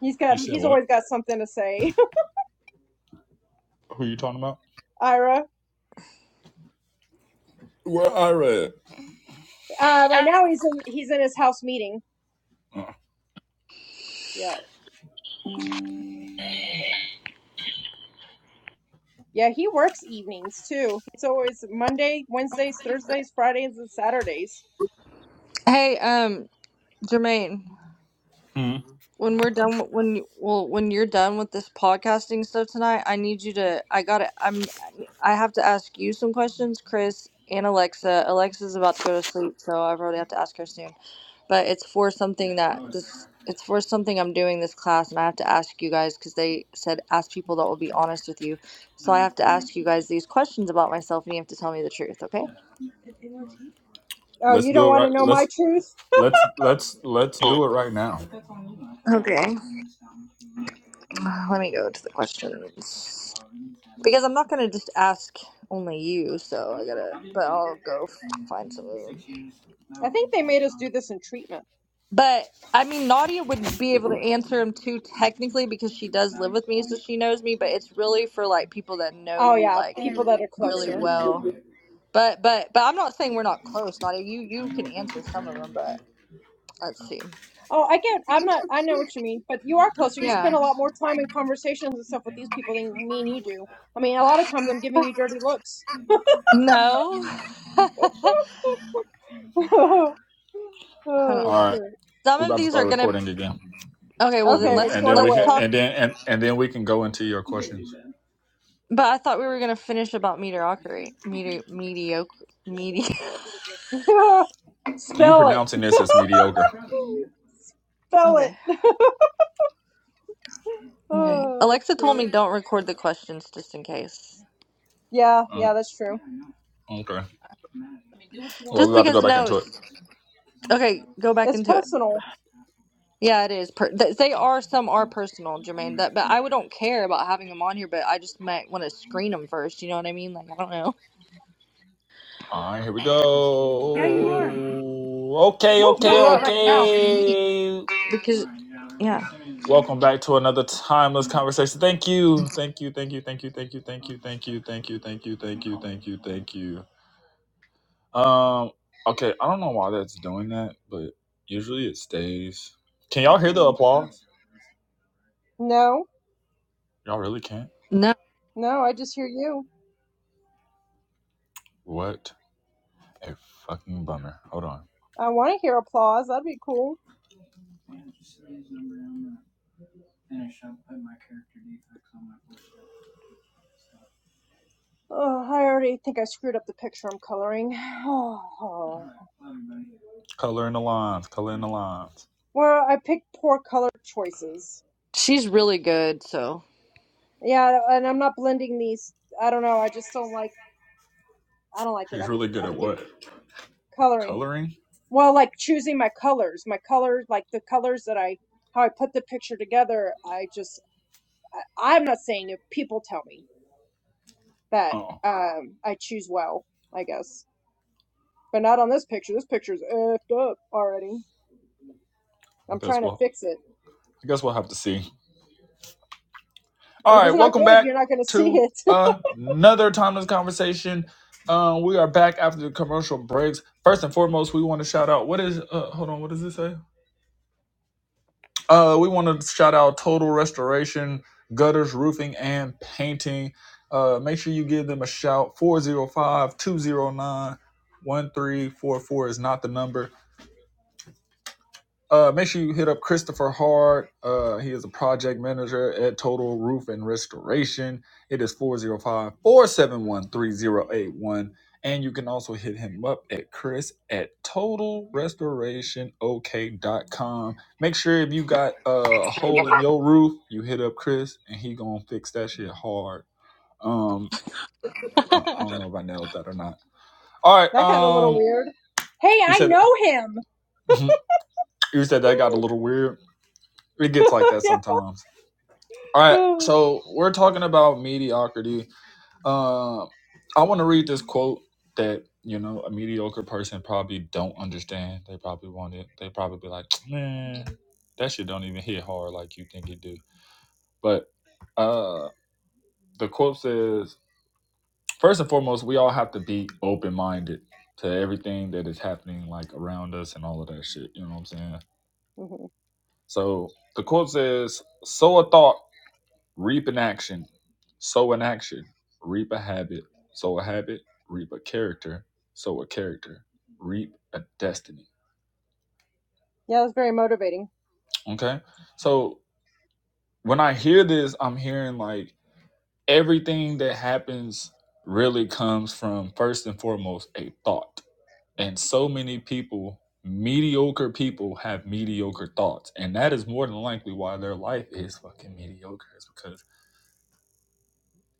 S2: He's
S1: you
S2: got
S1: said
S2: he's
S1: what?
S2: always got something to say.
S1: Who you talking about?
S2: Ira.
S1: Well, I read.
S2: Uh, right now he's in he's in his house meeting.
S1: Uh,
S2: Yeah. Yeah, he works evenings too. It's always Monday, Wednesdays, Thursdays, Fridays, and Saturdays.
S4: Hey, um, Jermaine,
S1: hmm.
S4: when we're done with- when you- well when you're done with this podcasting stuff tonight, I need you to I got to I'm I have to ask you some questions, Chris and Alexa. Alexa's about to go to sleep, so I probably have to ask her soon. but it's for something that this it's for something I'm doing this class and I have to ask you guys because they said ask people that will be honest with you. So I have to ask you guys these questions about myself and you have to tell me the truth, okay?
S2: Oh,
S1: Let's
S2: you
S1: do
S2: don't
S1: it
S2: want
S1: right.
S2: to know my
S1: Let's
S2: truth?
S1: let's let's let's do it right now.
S4: Okay. Uh, Let me go to the questions. Because I'm not gonna just ask only you, so I gotta but I'll go f- find some of them.
S2: I think they made us do this in treatment.
S4: But I mean Nadia would be able to answer them too technically because she does live with me so she knows me, but it's really for like people that know
S2: Oh
S4: you
S2: yeah,
S4: like
S2: people that are
S4: really
S2: closer.
S4: well. But but but I'm not saying we're not close. Not you. You can answer some of them, but let's see.
S2: Oh, I get. I'm not. I know what you mean, but you are closer. You spend
S4: Yeah.
S2: a lot more time in conversations and stuff with these people than me and you do. I mean, a lot of times I'm giving you dirty looks.
S4: No. I
S2: oh
S4: don't know.
S1: All right,
S2: shit.
S4: Some
S1: we're
S4: of
S1: about to
S4: these
S1: start
S4: are gonna.
S1: recording again,
S4: Okay. Well
S1: and
S4: then
S2: Okay,
S1: then
S4: let's
S1: and then
S2: record
S1: we
S4: let's
S1: can
S2: away.
S4: talk.
S1: and then and, and then we can go into your questions.
S4: But I thought we were gonna finish about mediocrity. Medi mediocre. Medi.
S1: You
S2: Spell it.
S1: pronouncing this as mediocre.
S2: Spell it.
S4: Okay. Okay.
S2: Oh
S4: Alexa told me
S2: shit.
S4: don't record the questions just in case.
S2: Yeah, yeah,
S1: Mm,
S2: that's true.
S1: okay. Well,
S4: Just
S1: we're about to go
S4: because
S1: back
S4: no.
S1: into it.
S4: it's- Okay. Go back
S2: It's
S4: into it.
S2: personal.
S4: Yeah, it is. Per th- they are some are personal, Jermaine. That, but I would don't care about having them on here. But I just might want to screen them first. You know what I mean? Like I don't know
S1: All right, here we go. Okay,
S2: Woo
S1: okay,
S2: woo.
S1: okay.
S4: because yeah,
S1: Welcome back to another timeless conversation. Thank you, thank you, thank you, thank you, thank you, thank you, thank you, thank you, thank you, thank you, thank you, thank you. Um, okay, I don't know why that's doing that, but usually it stays. Can y'all hear the applause?
S2: No,
S1: Y'all really can't.
S4: no,
S2: no. I just hear you.
S1: What a fucking bummer. Hold on.
S2: I want to hear applause. That'd be cool. Oh, I already think I screwed up the picture I'm coloring. Oh,
S1: Color in the lines. Color in the lines.
S2: Well, I picked poor color choices.
S4: she's really good. So
S2: Yeah, and I'm not blending these. I don't know. I just don't like. I don't like it.
S1: She's
S2: I
S1: really good
S2: I
S1: at
S2: think
S1: what?
S2: coloring.
S1: Coloring?
S2: Well, like choosing my colors, my colors, like the colors that I how I put the picture together. I just I, I'm not saying it. People tell me that
S1: Oh,
S2: um I choose well. I guess, but not on this picture. This picture's effed up already. I'm
S1: that's
S2: trying to
S1: what.
S2: fix it.
S1: I guess we'll have to see. All
S2: If
S1: right,
S2: it's not
S1: welcome
S2: good,
S1: back
S2: you're not going to see
S1: to
S2: it.
S1: another timeless conversation. Uh, we are back after the commercial breaks. First and foremost, we want to shout out. What is? Uh, hold on. What does it say? Uh, we want to shout out Total Restoration, Gutters, Roofing, and Painting. Uh, make sure you give them a shout. 405 209 1344 is not the number. Uh, make sure you hit up Christopher Hard. Uh, he is a project manager at Total Roof and Restoration. It is four zero five, four seven one three zero eight one. And you can also hit him up at Chris at total restoration o k dot com. Make sure if you got uh, a hole in
S5: It
S1: your roof, you hit up Chris and he gonna fix that shit hard. Um, I, I don't know if I nailed that or not. All right.
S2: That got a little
S1: Um,
S2: weird. Hey,
S1: you
S2: I
S1: said
S2: know him.
S1: you said that got a little weird. It gets like that
S2: Yeah.
S1: sometimes. All right,
S2: Mhm.
S1: so we're talking about mediocrity. Uh, I want to read this quote that you know a mediocre person probably don't understand. They probably want it. They probably be like, "Man, that shit don't even hit hard like you think it do." But uh, the quote says, first and foremost, we all have to be open minded to everything that is happening like around us and all of that shit. You know what I'm saying? So the quote says, "Sow a thought." Reap an action, sow an action, reap a habit, sow a habit, reap a character, sow a character, reap a destiny.
S2: Yeah, it was very motivating.
S1: Okay? So when I hear this, I'm hearing like everything that happens really comes from first and foremost a thought. And so many people, mediocre people, have mediocre thoughts. And that is more than likely why their life is fucking mediocre, is because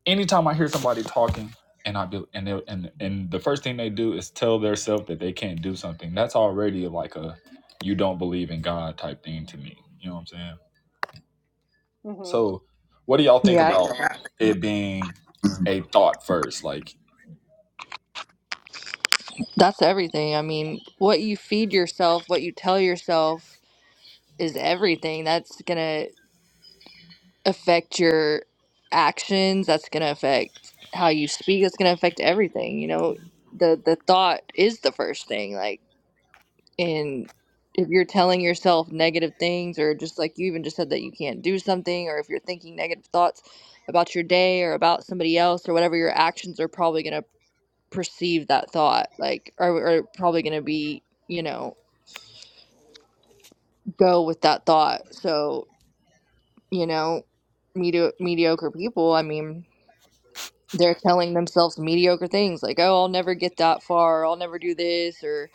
S1: anytime I hear somebody talking and I do and they, and and the first thing they do is tell themselves that they can't do something. That's already like a you don't believe in God type thing to me. You know what I'm saying?
S2: hmm
S1: So, what do y'all think
S4: yeah, I
S1: about
S4: get that.
S1: it being a thought first? Like,
S4: that's everything. I mean, what you feed yourself, what you tell yourself is everything. That's gonna affect your actions. That's gonna affect how you speak. That's gonna affect everything. You know, the the thought is the first thing. Like and if you're telling yourself negative things or just like you even just said that you can't do something or if you're thinking negative thoughts about your day or about somebody else or whatever your actions are probably going to perceive that thought like or, or probably going to be you know go with that thought so you know medi- mediocre people i mean they're telling themselves mediocre things like oh i'll never get that far or, i'll never do this or.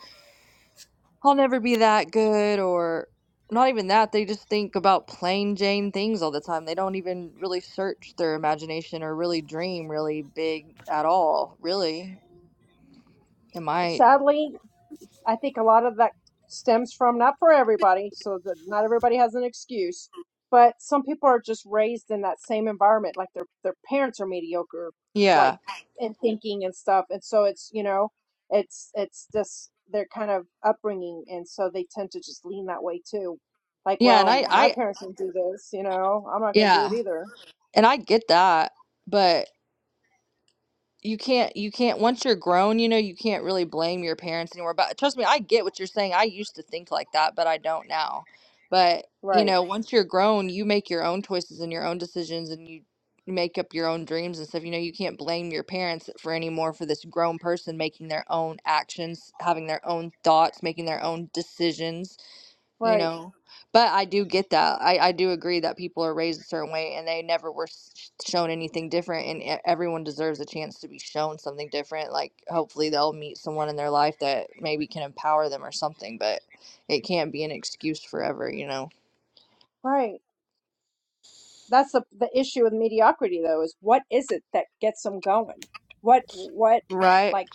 S4: I'll never be that good, or not even that. They just think about plain Jane things all the time. They don't even really search their imagination or really dream really big at all, really. Am I?
S2: Sadly, I think a lot of that stems from not for everybody, so that not everybody has an excuse, but some people are just raised in that same environment, like their their parents are mediocre, like
S4: Yeah.
S2: in thinking and stuff, and so it's you know, it's it's just their kind of upbringing, and so they tend to just lean that way too. Like,
S4: Yeah. And
S2: well,
S4: I,
S2: my
S4: I,
S2: parents didn't do this, you know, I'm not going to do it
S4: yeah.
S2: either.
S4: And I get that. But you can't you can't once you're grown you know you can't really blame your parents anymore but trust me i get what you're saying i used to think like that but i don't now but you
S2: Right,
S4: know once you're grown you make your own choices and your own decisions and you make up your own dreams and stuff you know you can't blame your parents for anymore for this grown person making their own actions having their own thoughts making their own decisions you
S2: right,
S4: know but i do get that I, I do agree that people are raised a certain way and they never were s- shown anything different and e- everyone deserves a chance to be shown something different like hopefully they'll meet someone in their life that maybe can empower them or something but it can't be an excuse forever you know
S2: right. that's the the issue with mediocrity though is what is it that gets them going what what
S4: Right.
S2: like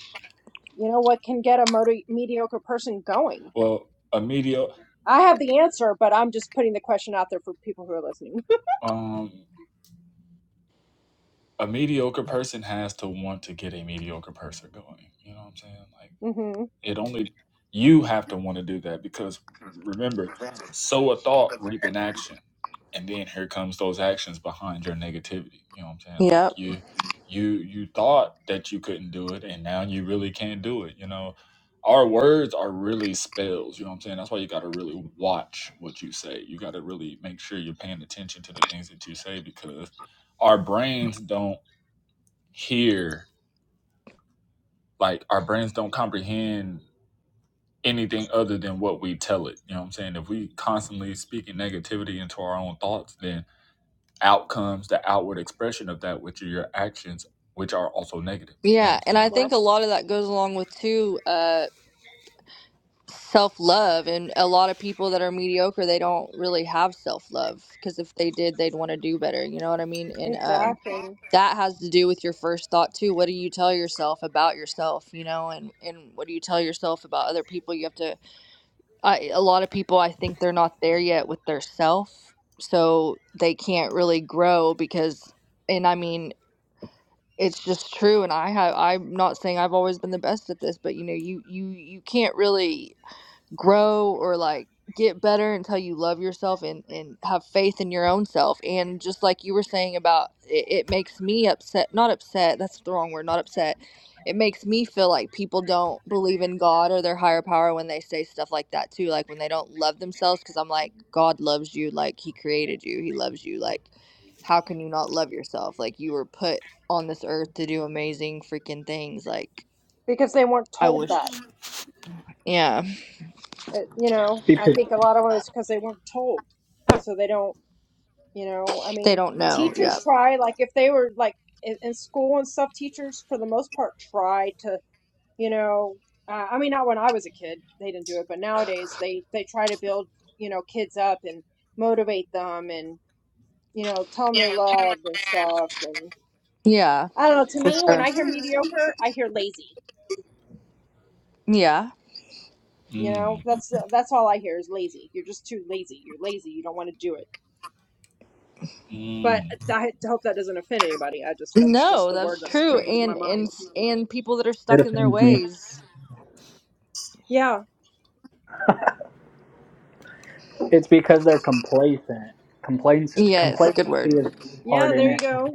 S2: you know what can get a moti- mediocre person going
S1: well, a mediocre
S2: i have the answer but i'm just putting the question out there for people who are listening
S1: um a mediocre person has to want to get a mediocre person going. You know what I'm saying? Like.
S2: hmm
S1: It only you have to want to do that because remember, sow a thought, reap an action, and then here comes those actions behind your negativity. You know what I'm saying? Like
S4: Yep.
S1: you, you, you thought that you couldn't do it, and now you really can't do it. You know, our words are really spells. You know what I'm saying? That's why you got to really watch what you say. You got to really make sure you're paying attention to the things that you say because our brains don't hear like our brains don't comprehend anything other than what we tell it. You know what I'm saying? If we constantly speaking negativity into our own thoughts, then out comes the outward expression of that, which are your actions, which are also negative. You know what
S4: yeah,
S1: I'm
S4: and
S1: saying?
S4: I
S1: Like,
S2: yep
S4: think a lot of that goes along with too uh self-love and a lot of people that are mediocre they don't really have self-love because if they did they'd want to do better, you know what I mean? And um
S2: exactly
S4: that has to do with your first thought too what do you tell yourself about yourself you know and and what do you tell yourself about other people you have to I, a lot of people i think they're not there yet with their self so they can't really grow because and i mean it's just true and i have i'm not saying i've always been the best at this but you know you you you can't really grow or like get better until you love yourself and and have faith in your own self and just like you were saying about it, it makes me upset not upset that's the wrong word not upset it makes me feel like people don't believe in god or their higher power when they say stuff like that too like when they don't love themselves because i'm like god loves you like he created you he loves you like how can you not love yourself like you were put on this earth to do amazing freaking things like
S2: because they weren't
S4: i
S2: told
S4: wish
S2: that
S4: yeah
S2: It- you know i think a lot of it was because they weren't told so they don't You know, I
S4: they
S2: mean,
S4: don't know
S2: teachers
S4: yeah
S2: try, like, if they were, like, in, in school and stuff, teachers, for the most part, try to, you know, uh, I mean, not when I was a kid, they didn't do it, but nowadays they, they try to build, you know, kids up and motivate them and, you know, tell them they're loved and stuff. And
S4: yeah
S2: I don't know, to me, when
S4: Sure.
S2: I hear mediocre, I hear lazy.
S4: Yeah.
S2: You know,
S1: mm,
S2: that's, that's all I hear is lazy. You're just too lazy. You're lazy. You don't want to do it. But
S1: mm.
S2: I hope that doesn't offend anybody. I just, that's just
S4: No,
S2: the word
S4: that's
S2: that's
S4: true.
S2: coming to my
S4: And and
S2: mind.
S4: and people that are stuck in their
S5: offends me.
S4: ways.
S2: Yeah.
S5: It's because they're complacent. Complaints,
S4: Yes, good
S5: complacency
S4: word.
S5: is a
S2: Yeah,
S5: part in
S2: there you
S5: it.
S2: go.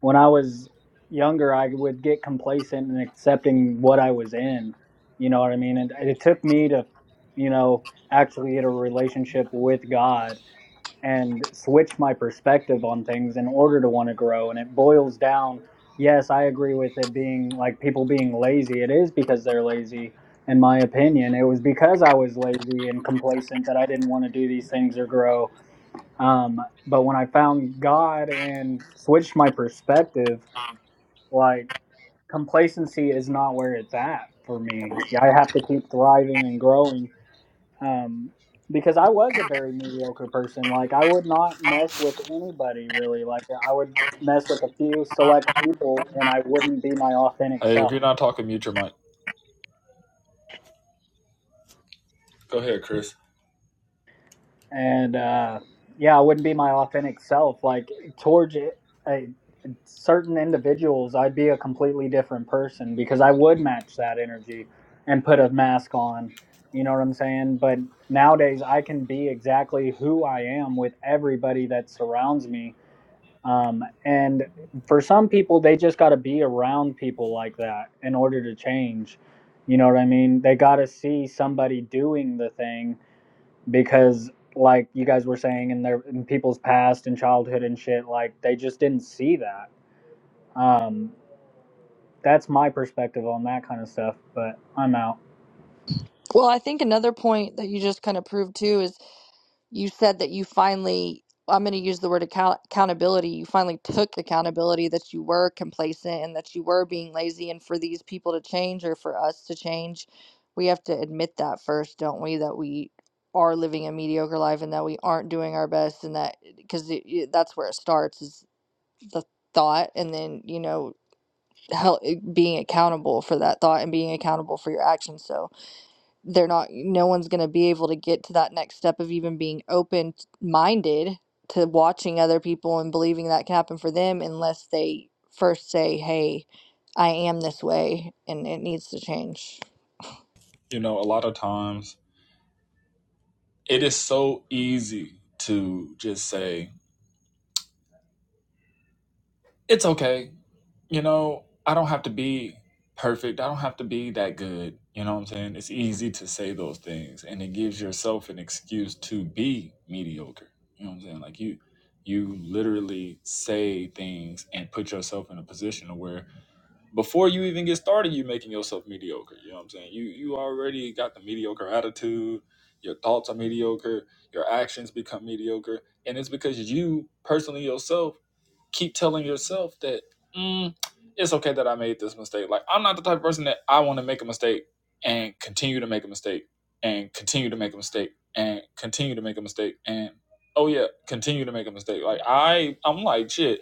S5: When I was younger, I would get complacent in accepting what I was in. You know what I mean? And it took me to, you know, actually get a relationship with God and switch my perspective on things in order to want to grow. And it boils down, yes, I agree with it being like people being lazy. It is because they're lazy, in my opinion. It was because I was lazy and complacent that I didn't want to do these things or grow. Um, but when I found God and switched my perspective, like complacency is not where it's at for me. Yeah, I have to keep thriving and growing um, because I was a very mediocre person. Like I would not mess with anybody really. Like I would mess with a few select people, and I wouldn't be my authentic
S1: Hey, if
S5: self.
S1: you're not talking, mute your mic. Go ahead, Chris.
S5: And uh, yeah, I wouldn't be my authentic self. Like towards it, a, certain individuals, I'd be a completely different person because I would match that energy and put a mask on. You know what I'm saying? But nowadays, I can be exactly who I am with everybody that surrounds me Um, and for some people, they just got to be around people like that in order to change. You know what I mean? They got to see somebody doing the thing because, like you guys were saying, in their in people's past and childhood and shit, like they just didn't see that. Um, that's my perspective on that kind of stuff. But I'm out.
S4: Well, I think another point that you just kind of proved too is you said that you finally I'm going to use the word account- accountability. You finally took accountability that you were complacent and that you were being lazy and for these people to change or for us to change, we have to admit that first, don't we, that we are living a mediocre life and that we aren't doing our best and that because that's where it starts is the thought and then you know how being accountable for that thought and being accountable for your actions so they're not no one's going to be able to get to that next step of even being open minded to watching other people and believing that can happen for them unless they first say hey i am this way and it needs to change
S1: You know, a lot of times it is so easy to just say, It's okay. You know, I don't have to be perfect. I don't have to be that good. You know what I'm saying? It's easy to say those things and it gives yourself an excuse to be mediocre. You know what I'm saying? Like you you literally say things and put yourself in a position to where before you even get started, you making yourself mediocre. You know what I'm saying? You you already got the mediocre attitude, your thoughts are mediocre, your actions become mediocre, and it's because you personally yourself keep telling yourself that mm, it's okay that I made this mistake. Like I'm not the type of person that I want to make a mistake and continue to make a mistake and continue to make a mistake and continue to make a mistake and oh yeah, continue to make a mistake. Like I I'm like shit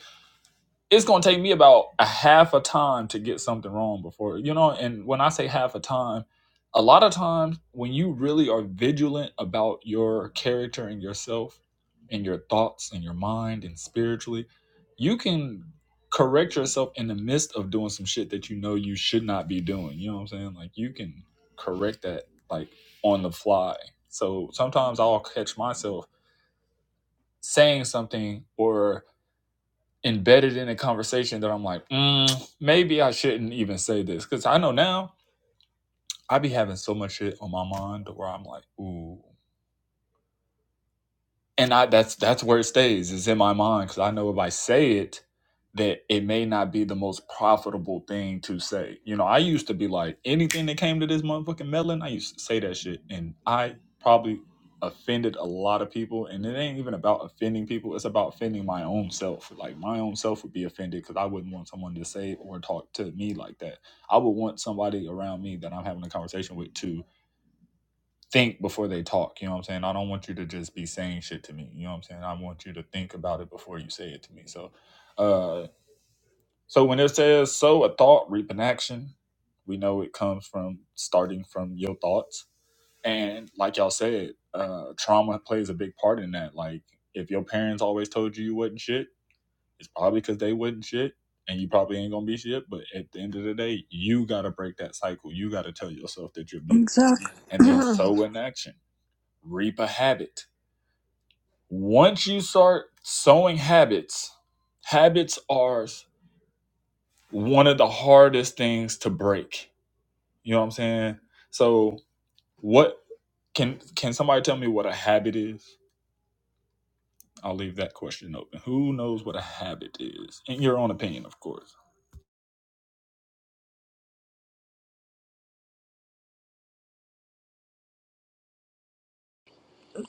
S1: it's gonna take me about a half a time to get something wrong before you know and when i say half a time a lot of times when you really are vigilant about your character and yourself and your thoughts and your mind and spiritually you can correct yourself in the midst of doing some shit that you know you should not be doing you know what i'm saying like you can correct that like on the fly so sometimes i'll catch myself saying something or embedded in a conversation that I'm like, mm, maybe I shouldn't even say this because I know now I be having so much shit on my mind where I'm like, ooh. and I that's that's where it stays. It's in my mind because I know if I say it, that it may not be the most profitable thing to say. You know, I used to be like anything that came to this motherfucking melon, I used to say that shit, and I probably offended a lot of people. And it ain't even about offending people; it's about offending my own self. Like my own self would be offended because I wouldn't want someone to say or talk to me like that. I would want somebody around me that I'm having a conversation with to think before they talk. You know what I'm saying? I don't want you to just be saying shit to me. You know what I'm saying? I want you to think about it before you say it to me. So, uh, so when it says "so a thought reap an action," we know it comes from starting from your thoughts. And like y'all said, uh, trauma plays a big part in that. Like if your parents always told you you wasn't shit, it's probably because they wasn't shit. And you probably ain't gonna be shit, but at the end of the day, you gotta break that cycle. You gotta tell yourself that you're beautiful,
S4: Exactly.
S1: and then so in action reap a habit. Once you start sowing habits, habits are one of the hardest things to break. You know what I'm saying? So what can can somebody tell me what a habit is? I'll leave that question open. Who knows what a habit is? In your own opinion, of course.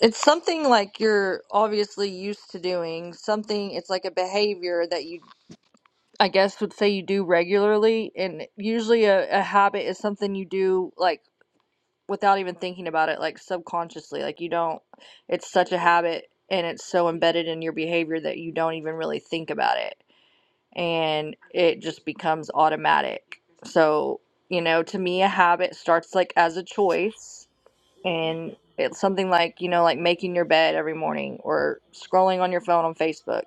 S4: it's something like you're obviously used to doing something it's like a behavior that you I guess would say you do regularly, and usually a, a habit is something you do like without even thinking about it, like subconsciously. Like you don't, it's such a habit and it's so embedded in your behavior that you don't even really think about it, and it just becomes automatic. So, you know, to me, a habit starts like as a choice and it's something like you know like making your bed every morning or scrolling on your phone on facebook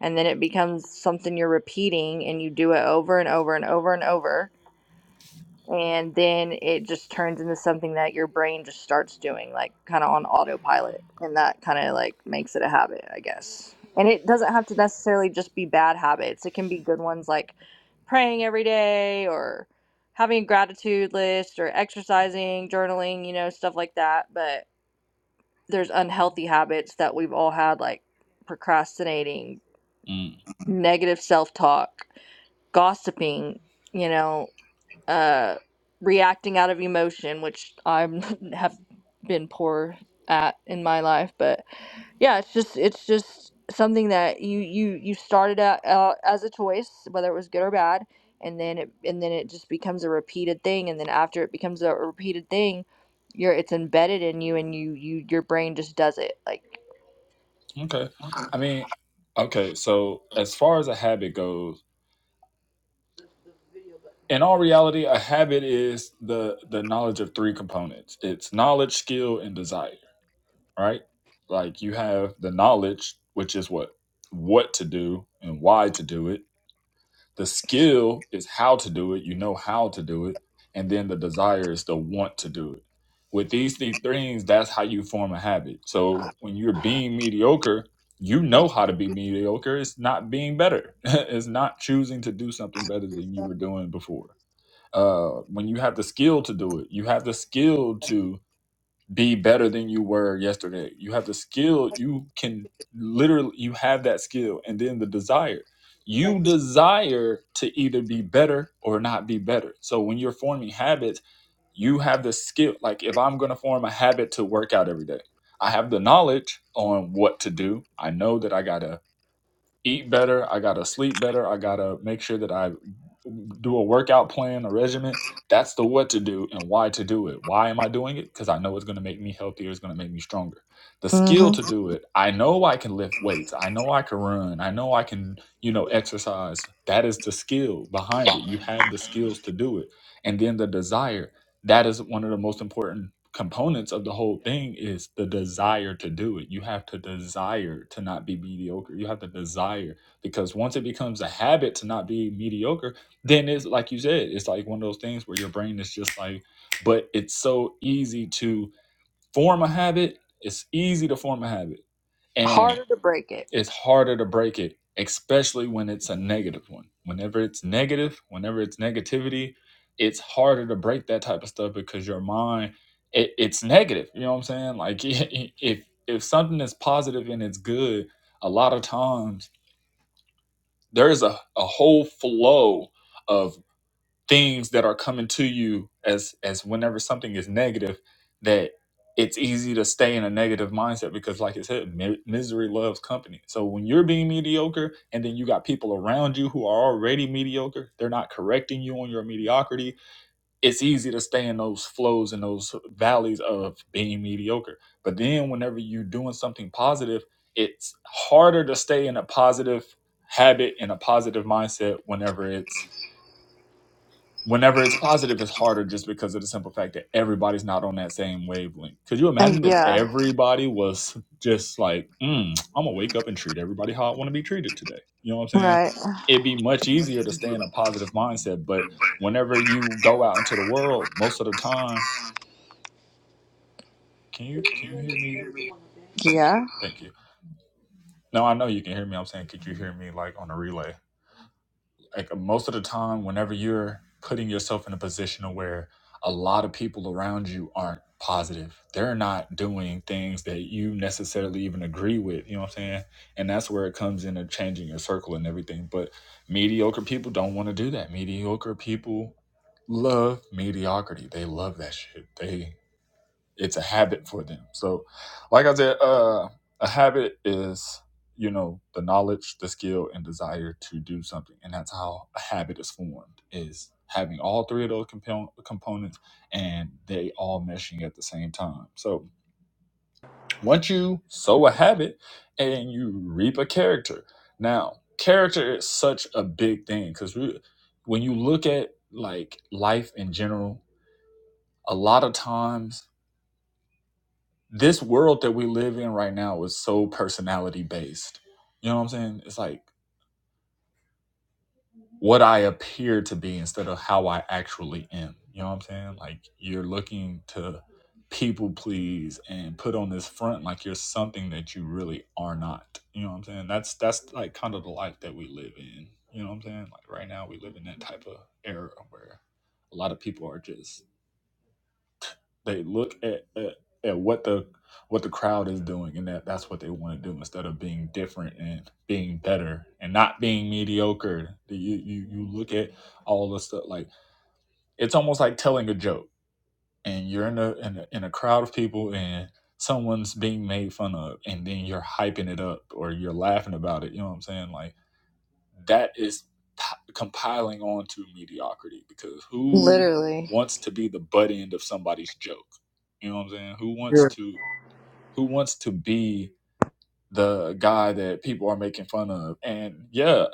S4: and then it becomes something you're repeating and you do it over and over and over and over and then it just turns into something that your brain just starts doing like kind of on autopilot and that kind of like makes it a habit i guess and it doesn't have to necessarily just be bad habits it can be good ones like praying every day or having a gratitude list or exercising journaling you know stuff like that but there's unhealthy habits that we've all had like procrastinating
S1: Mm,
S4: negative self-talk gossiping you know uh reacting out of emotion which i have been poor at in my life but yeah it's just it's just something that you you you started out uh, as a choice whether it was good or bad and then it and then it just becomes a repeated thing and then after it becomes a repeated thing you're it's embedded in you and you you your brain just does it like
S1: okay. I mean, okay, so as far as a habit goes, in all reality, a habit is the the knowledge of three components. It's knowledge, skill, and desire right? Like you have the knowledge, which is what what to do and why to do it. The skill is how to do it. You know how to do it, and then the desire is the want to do it. With these three things, that's how you form a habit. So when you're being mediocre, you know how to be mediocre. It's not being better. it's not choosing to do something better than you were doing before. Uh, when you have the skill to do it, you have the skill to be better than you were yesterday. You have the skill. You can literally you have that skill and then the desire. You desire to either be better or not be better. So when you're forming habits, you have the skill. Like if I'm going to form a habit to work out every day, I have the knowledge on what to do. I know that I got to eat better. I gotta sleep better. I gotta make sure that I do a workout plan, a regimen. That's the what to do and why to do it. Why am I doing it? Because I know it's gonna make me healthier. It's gonna make me stronger. The skill
S4: hmm
S1: to do it. I know I can lift weights. I know I can run. I know I can, you know, exercise. That is the skill behind it. You have the skills to do it, and then the desire. That is one of the most important components of the whole thing is the desire to do it. You have to desire to not be mediocre. You have to desire because once it becomes a habit to not be mediocre, then it's like you said, it's like one of those things where your brain is just like, but it's so easy to form a habit. It's easy to form a habit. and
S4: Harder to break it.
S1: it's harder to break it, especially when it's a negative one. Whenever it's negative, whenever it's negativity, it's harder to break that type of stuff because your mind, it, it's negative. You know what I'm saying? Like if if something is positive and it's good, a lot of times there's a, a whole flow of things that are coming to you as as whenever something is negative that it's easy to stay in a negative mindset because like i said mi- misery loves company so when you're being mediocre and then you got people around you who are already mediocre they're not correcting you on your mediocrity it's easy to stay in those flows and those valleys of being mediocre but then whenever you're doing something positive it's harder to stay in a positive habit and a positive mindset whenever it's whenever it's positive, it's harder just because of the simple fact that everybody's not on that same wavelength. Could you
S4: And
S1: imagine if
S4: yeah,
S1: everybody was just like, mm, I'm gonna wake up and treat everybody how I want to be treated today? You know what I'm saying?
S4: right.
S1: It'd be much easier to stay in a positive mindset. But whenever you go out into the world, most of the time, can you can you hear me?
S4: Yeah.
S1: Thank you. No, I know you can hear me. I'm saying, could you hear me like on a relay? like most of the time whenever you're putting yourself in a position where a lot of people around you aren't positive they're not doing things that you necessarily even agree with you know what i'm saying and that's where it comes in and changing your circle and everything but mediocre people don't want to do that mediocre people love mediocrity they love that shit they it's a habit for them. So, like I said, uh, a habit is you know the knowledge, the skill, and desire to do something, and that's how a habit is formed. Is having all three of those compon- components and they all meshing at the same time. So once you sow a habit and you reap a character. Now, character is such a big thing because when you look at like life in general, a lot of times this world that we live in right now is so personality based. You know what I'm saying? It's like what I appear to be instead of how I actually am. You know what I'm saying? Like you're looking to people please and put on this front like you're something that you really are not. You know what I'm saying? That's that's like kind of the life that we live in. You know what I'm saying? Like right now we live in that type of era where a lot of people are just They look at, at at what the what the crowd is doing, and that that's what they want to do instead of being different and being better and not being mediocre. You you you look at all the stuff like it's almost like telling a joke, and you're in a in a, in a crowd of people and. Someone's being made fun of, and then you're hyping it up or you're laughing about it. You know what I'm saying? Like that is p- compiling onto mediocrity because who
S4: Literally.
S1: wants to be the butt end of somebody's joke? You know what I'm saying? Who wants
S5: Sure.
S1: to who wants to be the guy that people are making fun of? And yeah,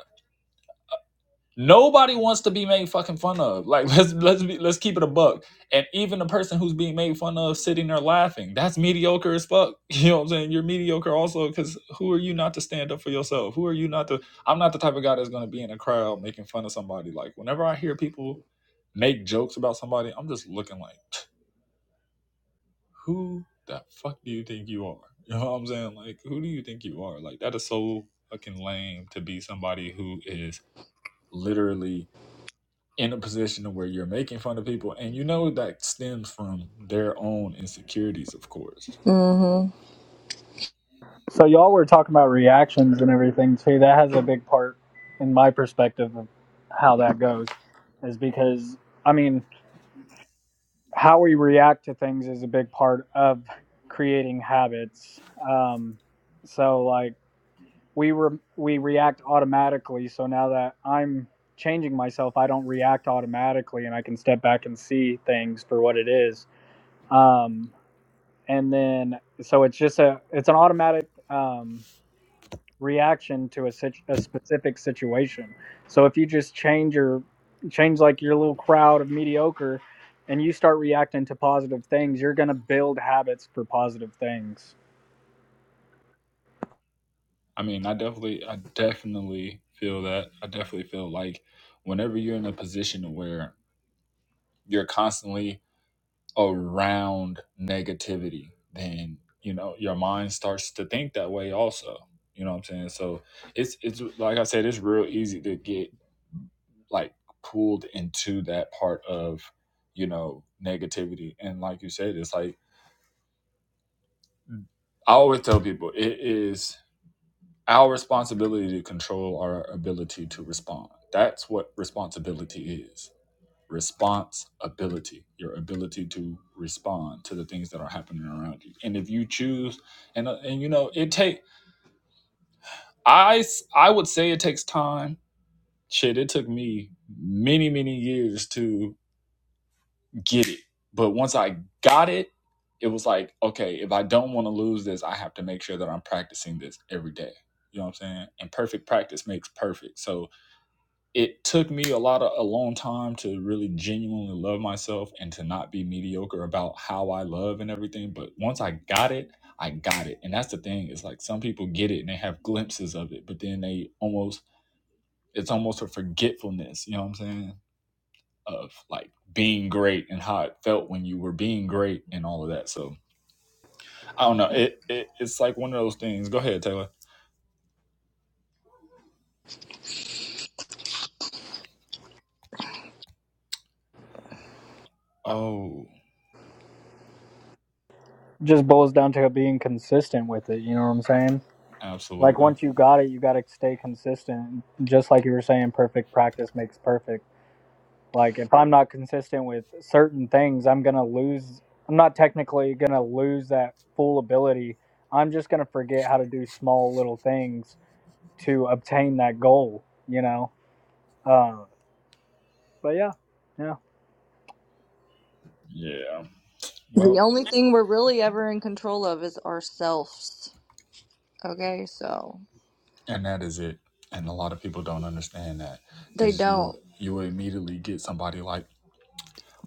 S1: Nobody wants to be made fucking fun of. Like let's let's be let's keep it a buck. And even the person who's being made fun of sitting there laughing, that's mediocre as fuck. You know what I'm saying? You're mediocre also because who are you not to stand up for yourself? Who are you not to I'm not the type of guy that's gonna be in a crowd making fun of somebody. Like whenever I hear people make jokes about somebody, I'm just looking like who the fuck do you think you are? You know what I'm saying? Like who do you think you are? Like that is so fucking lame to be somebody who is literally in a position where you're making fun of people and you know that stems from their own insecurities of course
S4: hmm
S5: So y'all were talking about reactions and everything too. That has a big part in my perspective of how that goes, is because I mean how we react to things is a big part of creating habits. Um, so like we re- we react automatically. So now that I'm changing myself, I don't react automatically, and I can step back and see things for what it is. Um, and then so it's just a it's an automatic. Um, reaction to a, situ- a specific situation. So if you just change your change like your little crowd of mediocre and you start reacting to positive things, you're going to build habits for positive things.
S1: i mean i definitely i definitely feel that i definitely feel like whenever you're in a position where you're constantly around negativity then you know your mind starts to think that way also you know what i'm saying so it's it's like i said it's real easy to get like pulled into that part of you know negativity and like you said it's like i always tell people it is our responsibility to control our ability to respond that's what responsibility is responsibility your ability to respond to the things that are happening around you and if you choose and uh, and you know it take I I would say it takes time shit it took me many many years to get it. But once I got it, it was like, okay, if I don't want to lose this, I have to make sure that I'm practicing this every day. You know what I'm saying? And perfect practice makes perfect. So it took me a lot of a long time to really genuinely love myself and to not be mediocre about how I love and everything. But once I got it, I got it. And that's the thing, It's like some people get it and they have glimpses of it, but then they almost it's almost a forgetfulness, you know what I'm saying? of like being great and how it felt when you were being great and all of that. So I don't know. It, it it's like one of those things. Go ahead, Taylor. Oh,
S5: Just boils down to being consistent with it, you know what I'm saying? Like
S1: absolutely.
S5: once you got it, you got to stay consistent. Just like you were saying perfect practice makes perfect. Like if I'm not consistent with certain things, I'm gonna lose. I'm not technically gonna lose that full ability. I'm just gonna forget how to do small little things to obtain that goal. You know. Uh, but yeah, yeah.
S1: Yeah.
S4: The
S1: Well,
S4: only thing we're really ever in control of is ourselves. Okay, so
S1: and that is it. And a lot of people don't understand that
S4: They
S1: because
S4: don't.
S1: you you immediately get somebody like,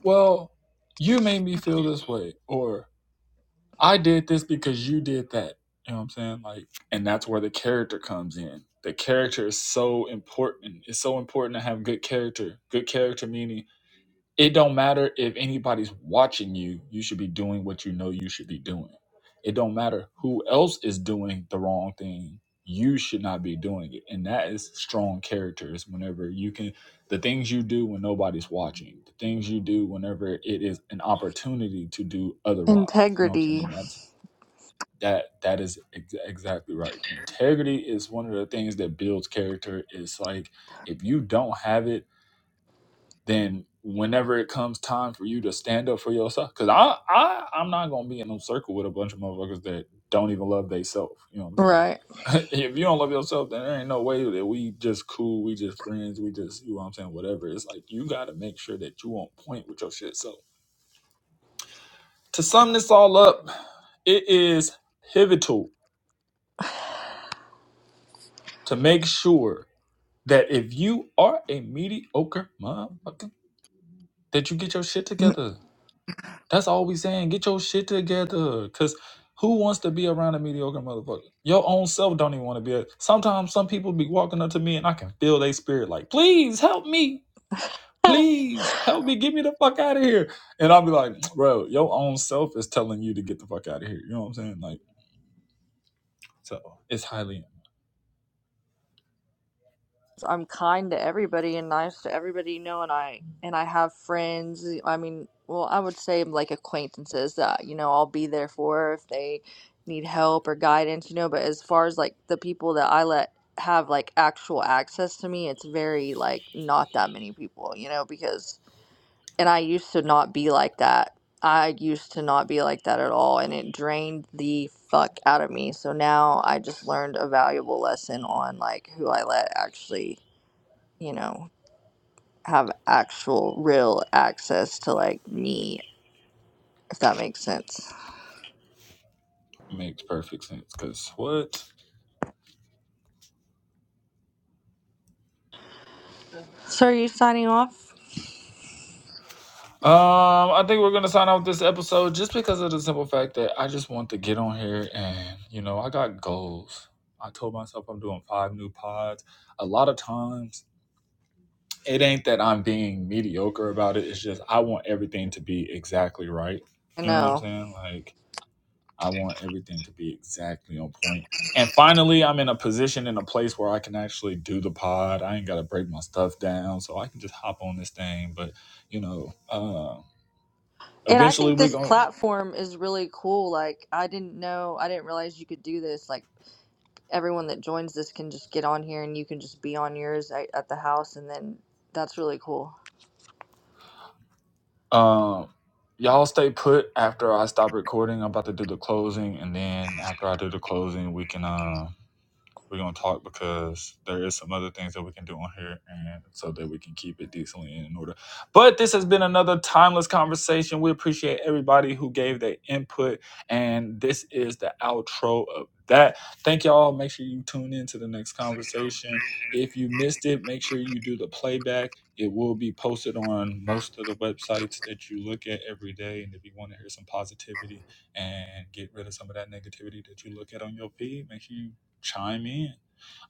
S1: well, you made me feel this way, or I did this because you did that. You know what I'm saying? Like, and that's where the character comes in. The character is so important. It's so important to have good character. Good character meaning it don't matter if anybody's watching you. You should be doing what you know you should be doing. It don't matter who else is doing the wrong thing. You should not be doing it. And that is strong characters whenever you can the things you do when nobody's watching, the things you do whenever it is an opportunity to do otherwise. You know what I'm
S4: Integrity.
S1: saying? That's that that is ex- exactly right integrity is one of the things that builds character it's like if you don't have it then whenever it comes time for you to stand up for yourself because I, I i'm not gonna be in no circle with a bunch of motherfuckers that don't even love theyself you know what i'm saying
S4: Right.
S1: like if you don't love yourself then there ain't no way that we just cool we just friends we just you know what i'm saying whatever it's like you gotta make sure that you on point with your shit so to sum this all up it is pivotal to make sure that if you are a mediocre motherfucker, that you get your shit together. That's all we saying. Get your shit together. Cause who wants to be around a mediocre motherfucker? Your own self don't even want to be a sometimes some people be walking up to me and I can feel their spirit like, please help me. Please help me. Get me the fuck out of here. And I'll be like, bro, your own self is telling you to get the fuck out of here. You know what I'm saying? Like, so it's highly
S4: I'm kind to everybody and nice to everybody, you know, and I and I have friends. eh, I mean, well, I would say like acquaintances that, you know, I'll be there for if they need help or guidance, you know, but as far as like the people that I let have like actual access to me, it's very like not that many people, you know, because and I used to not be like that. I used to not be like that at all, and it drained the fuck out of me. So now I just learned a valuable lesson on like who I let actually you know, have actual real access to like me, if that makes sense.
S1: makes perfect sense. Cause what?
S4: So are you signing off?
S1: Um, I think we're gonna sign off this episode just because of the simple fact that I just want to get on here and you know I got goals. I told myself I'm doing five new pods. A lot of times it ain't that I'm being mediocre about it. It's just I want everything to be exactly right.
S4: I
S1: You know what I'm
S4: know.
S1: saying? Like I want everything to be exactly on point. And finally, I'm in a position in a place where I can actually do the pod. I ain't gotta break my stuff down, so I can just hop on this thing. But you know. uh,
S4: And I
S1: Eventually,
S4: think
S1: we
S4: this
S1: going
S4: platform is really cool. Like I didn't know, I didn't realize you could do this. Like everyone that joins this can just get on here and you can just be on yours at, at the house and then that's really cool.
S1: to um y'all stay put. After I stop recording, I'm about to do the closing, and then after I do the closing, we can uh, We're gonna talk because there is some other things that we can do on here, and so that we can keep it decently and in order. But this has been another timeless conversation. We appreciate everybody who gave their input, and this is the outro of that. Thank y'all. Make sure you tune in to the next conversation. If you missed it, make sure you do the playback. It will be posted on most of the websites that you look at every day. And if you want to hear some positivity, and get rid of some of that negativity that you look at on your feed. Make sure you chime in.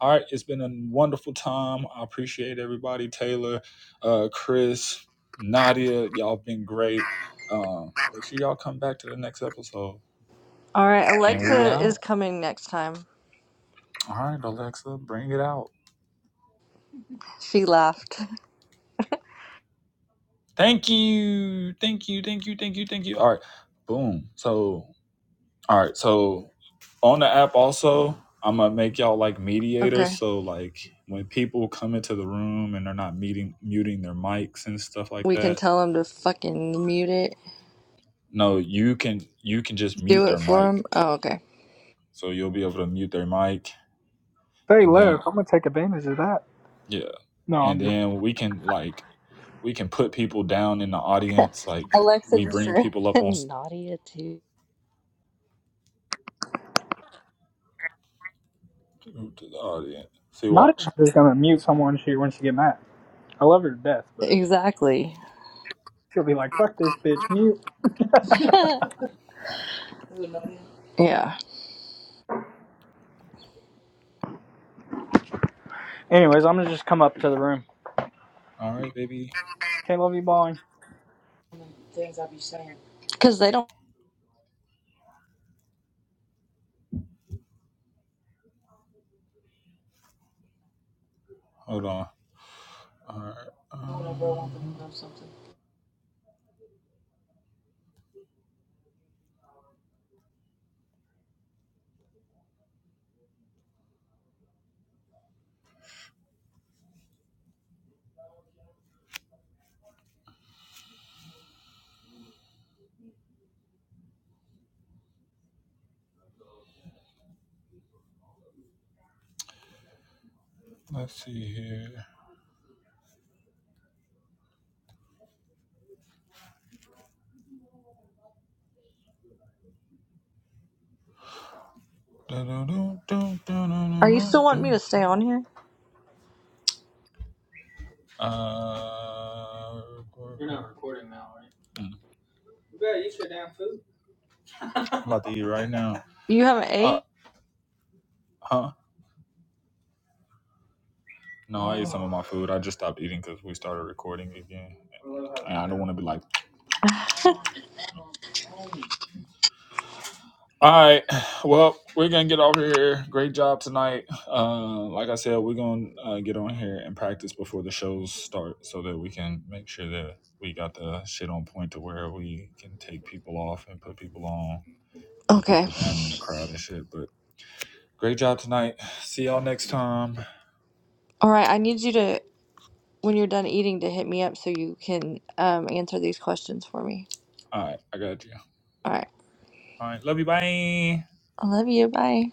S1: All right, it's been a wonderful time. I appreciate everybody. Taylor, uh, Chris, Nadia, y'all been great. Um, make sure y'all come back to the next episode.
S4: All right, There we go.
S1: And we
S4: Alexa is
S1: out.
S4: coming next time.
S1: All right, Alexa, bring it out.
S4: She laughed.
S1: Thank you. Thank you. Thank you. Thank you. Thank you. All right. Boom. So, all right. So, on the app, also, I'm going to make y'all like mediators.
S4: Okay.
S1: So, like, when people come into the room and they're not meeting, muting their mics and stuff like
S4: We can
S1: that,
S4: tell him to fucking mute it.
S1: No, you can you can just
S4: Do
S1: mute
S4: it
S1: their
S4: for him.
S1: mic.
S4: Oh, okay.
S1: So you'll be able to mute their mic
S5: Stay
S1: and then
S5: left. I'm gonna take advantage of that.
S1: yeah.
S5: No,
S1: And
S5: I'm just
S1: then we can like we can put people down in the audience like
S4: Alexa
S1: we
S4: just
S1: bring people up
S4: said.
S1: on s- to the audience. See
S5: not
S1: watch.
S5: just gonna mute someone she when she get mad. I love her to death, but
S4: exactly.
S5: she'll be like, "Fuck this bitch, mute."
S4: Yeah.
S5: Anyways, I'm gonna just come up to the room.
S1: All right, baby.
S5: Okay, love you, bye.
S4: Because they don't.
S1: Hold on. All right. Uh, let's see here.
S4: Are you still want me to
S1: Dun-dun-dun-dun-dun-dun-dun-dun.
S4: stay on here?
S1: Uh, You're not recording now, right? I'm about to eat right now.
S4: You haven't
S1: Uh,
S4: ate?
S1: huh? No, I ate some of my food. I just stopped eating because we started recording again. And I don't want to be like, all right, well, we're going to get over here. Great job tonight. Uh, like I said, we're going to uh, get on here and practice before the shows start so that we can make sure that we got the shit on point to where we can take people off and put people on, put
S4: Okay.
S1: people down in the crowd and shit. But great job tonight. See y'all next time.
S4: All right. I need you to, when you're done eating, to hit me up so you can um, answer these questions for me.
S1: All right, I got you.
S4: All right.
S1: All right. Love you. Bye.
S4: I love you. Bye.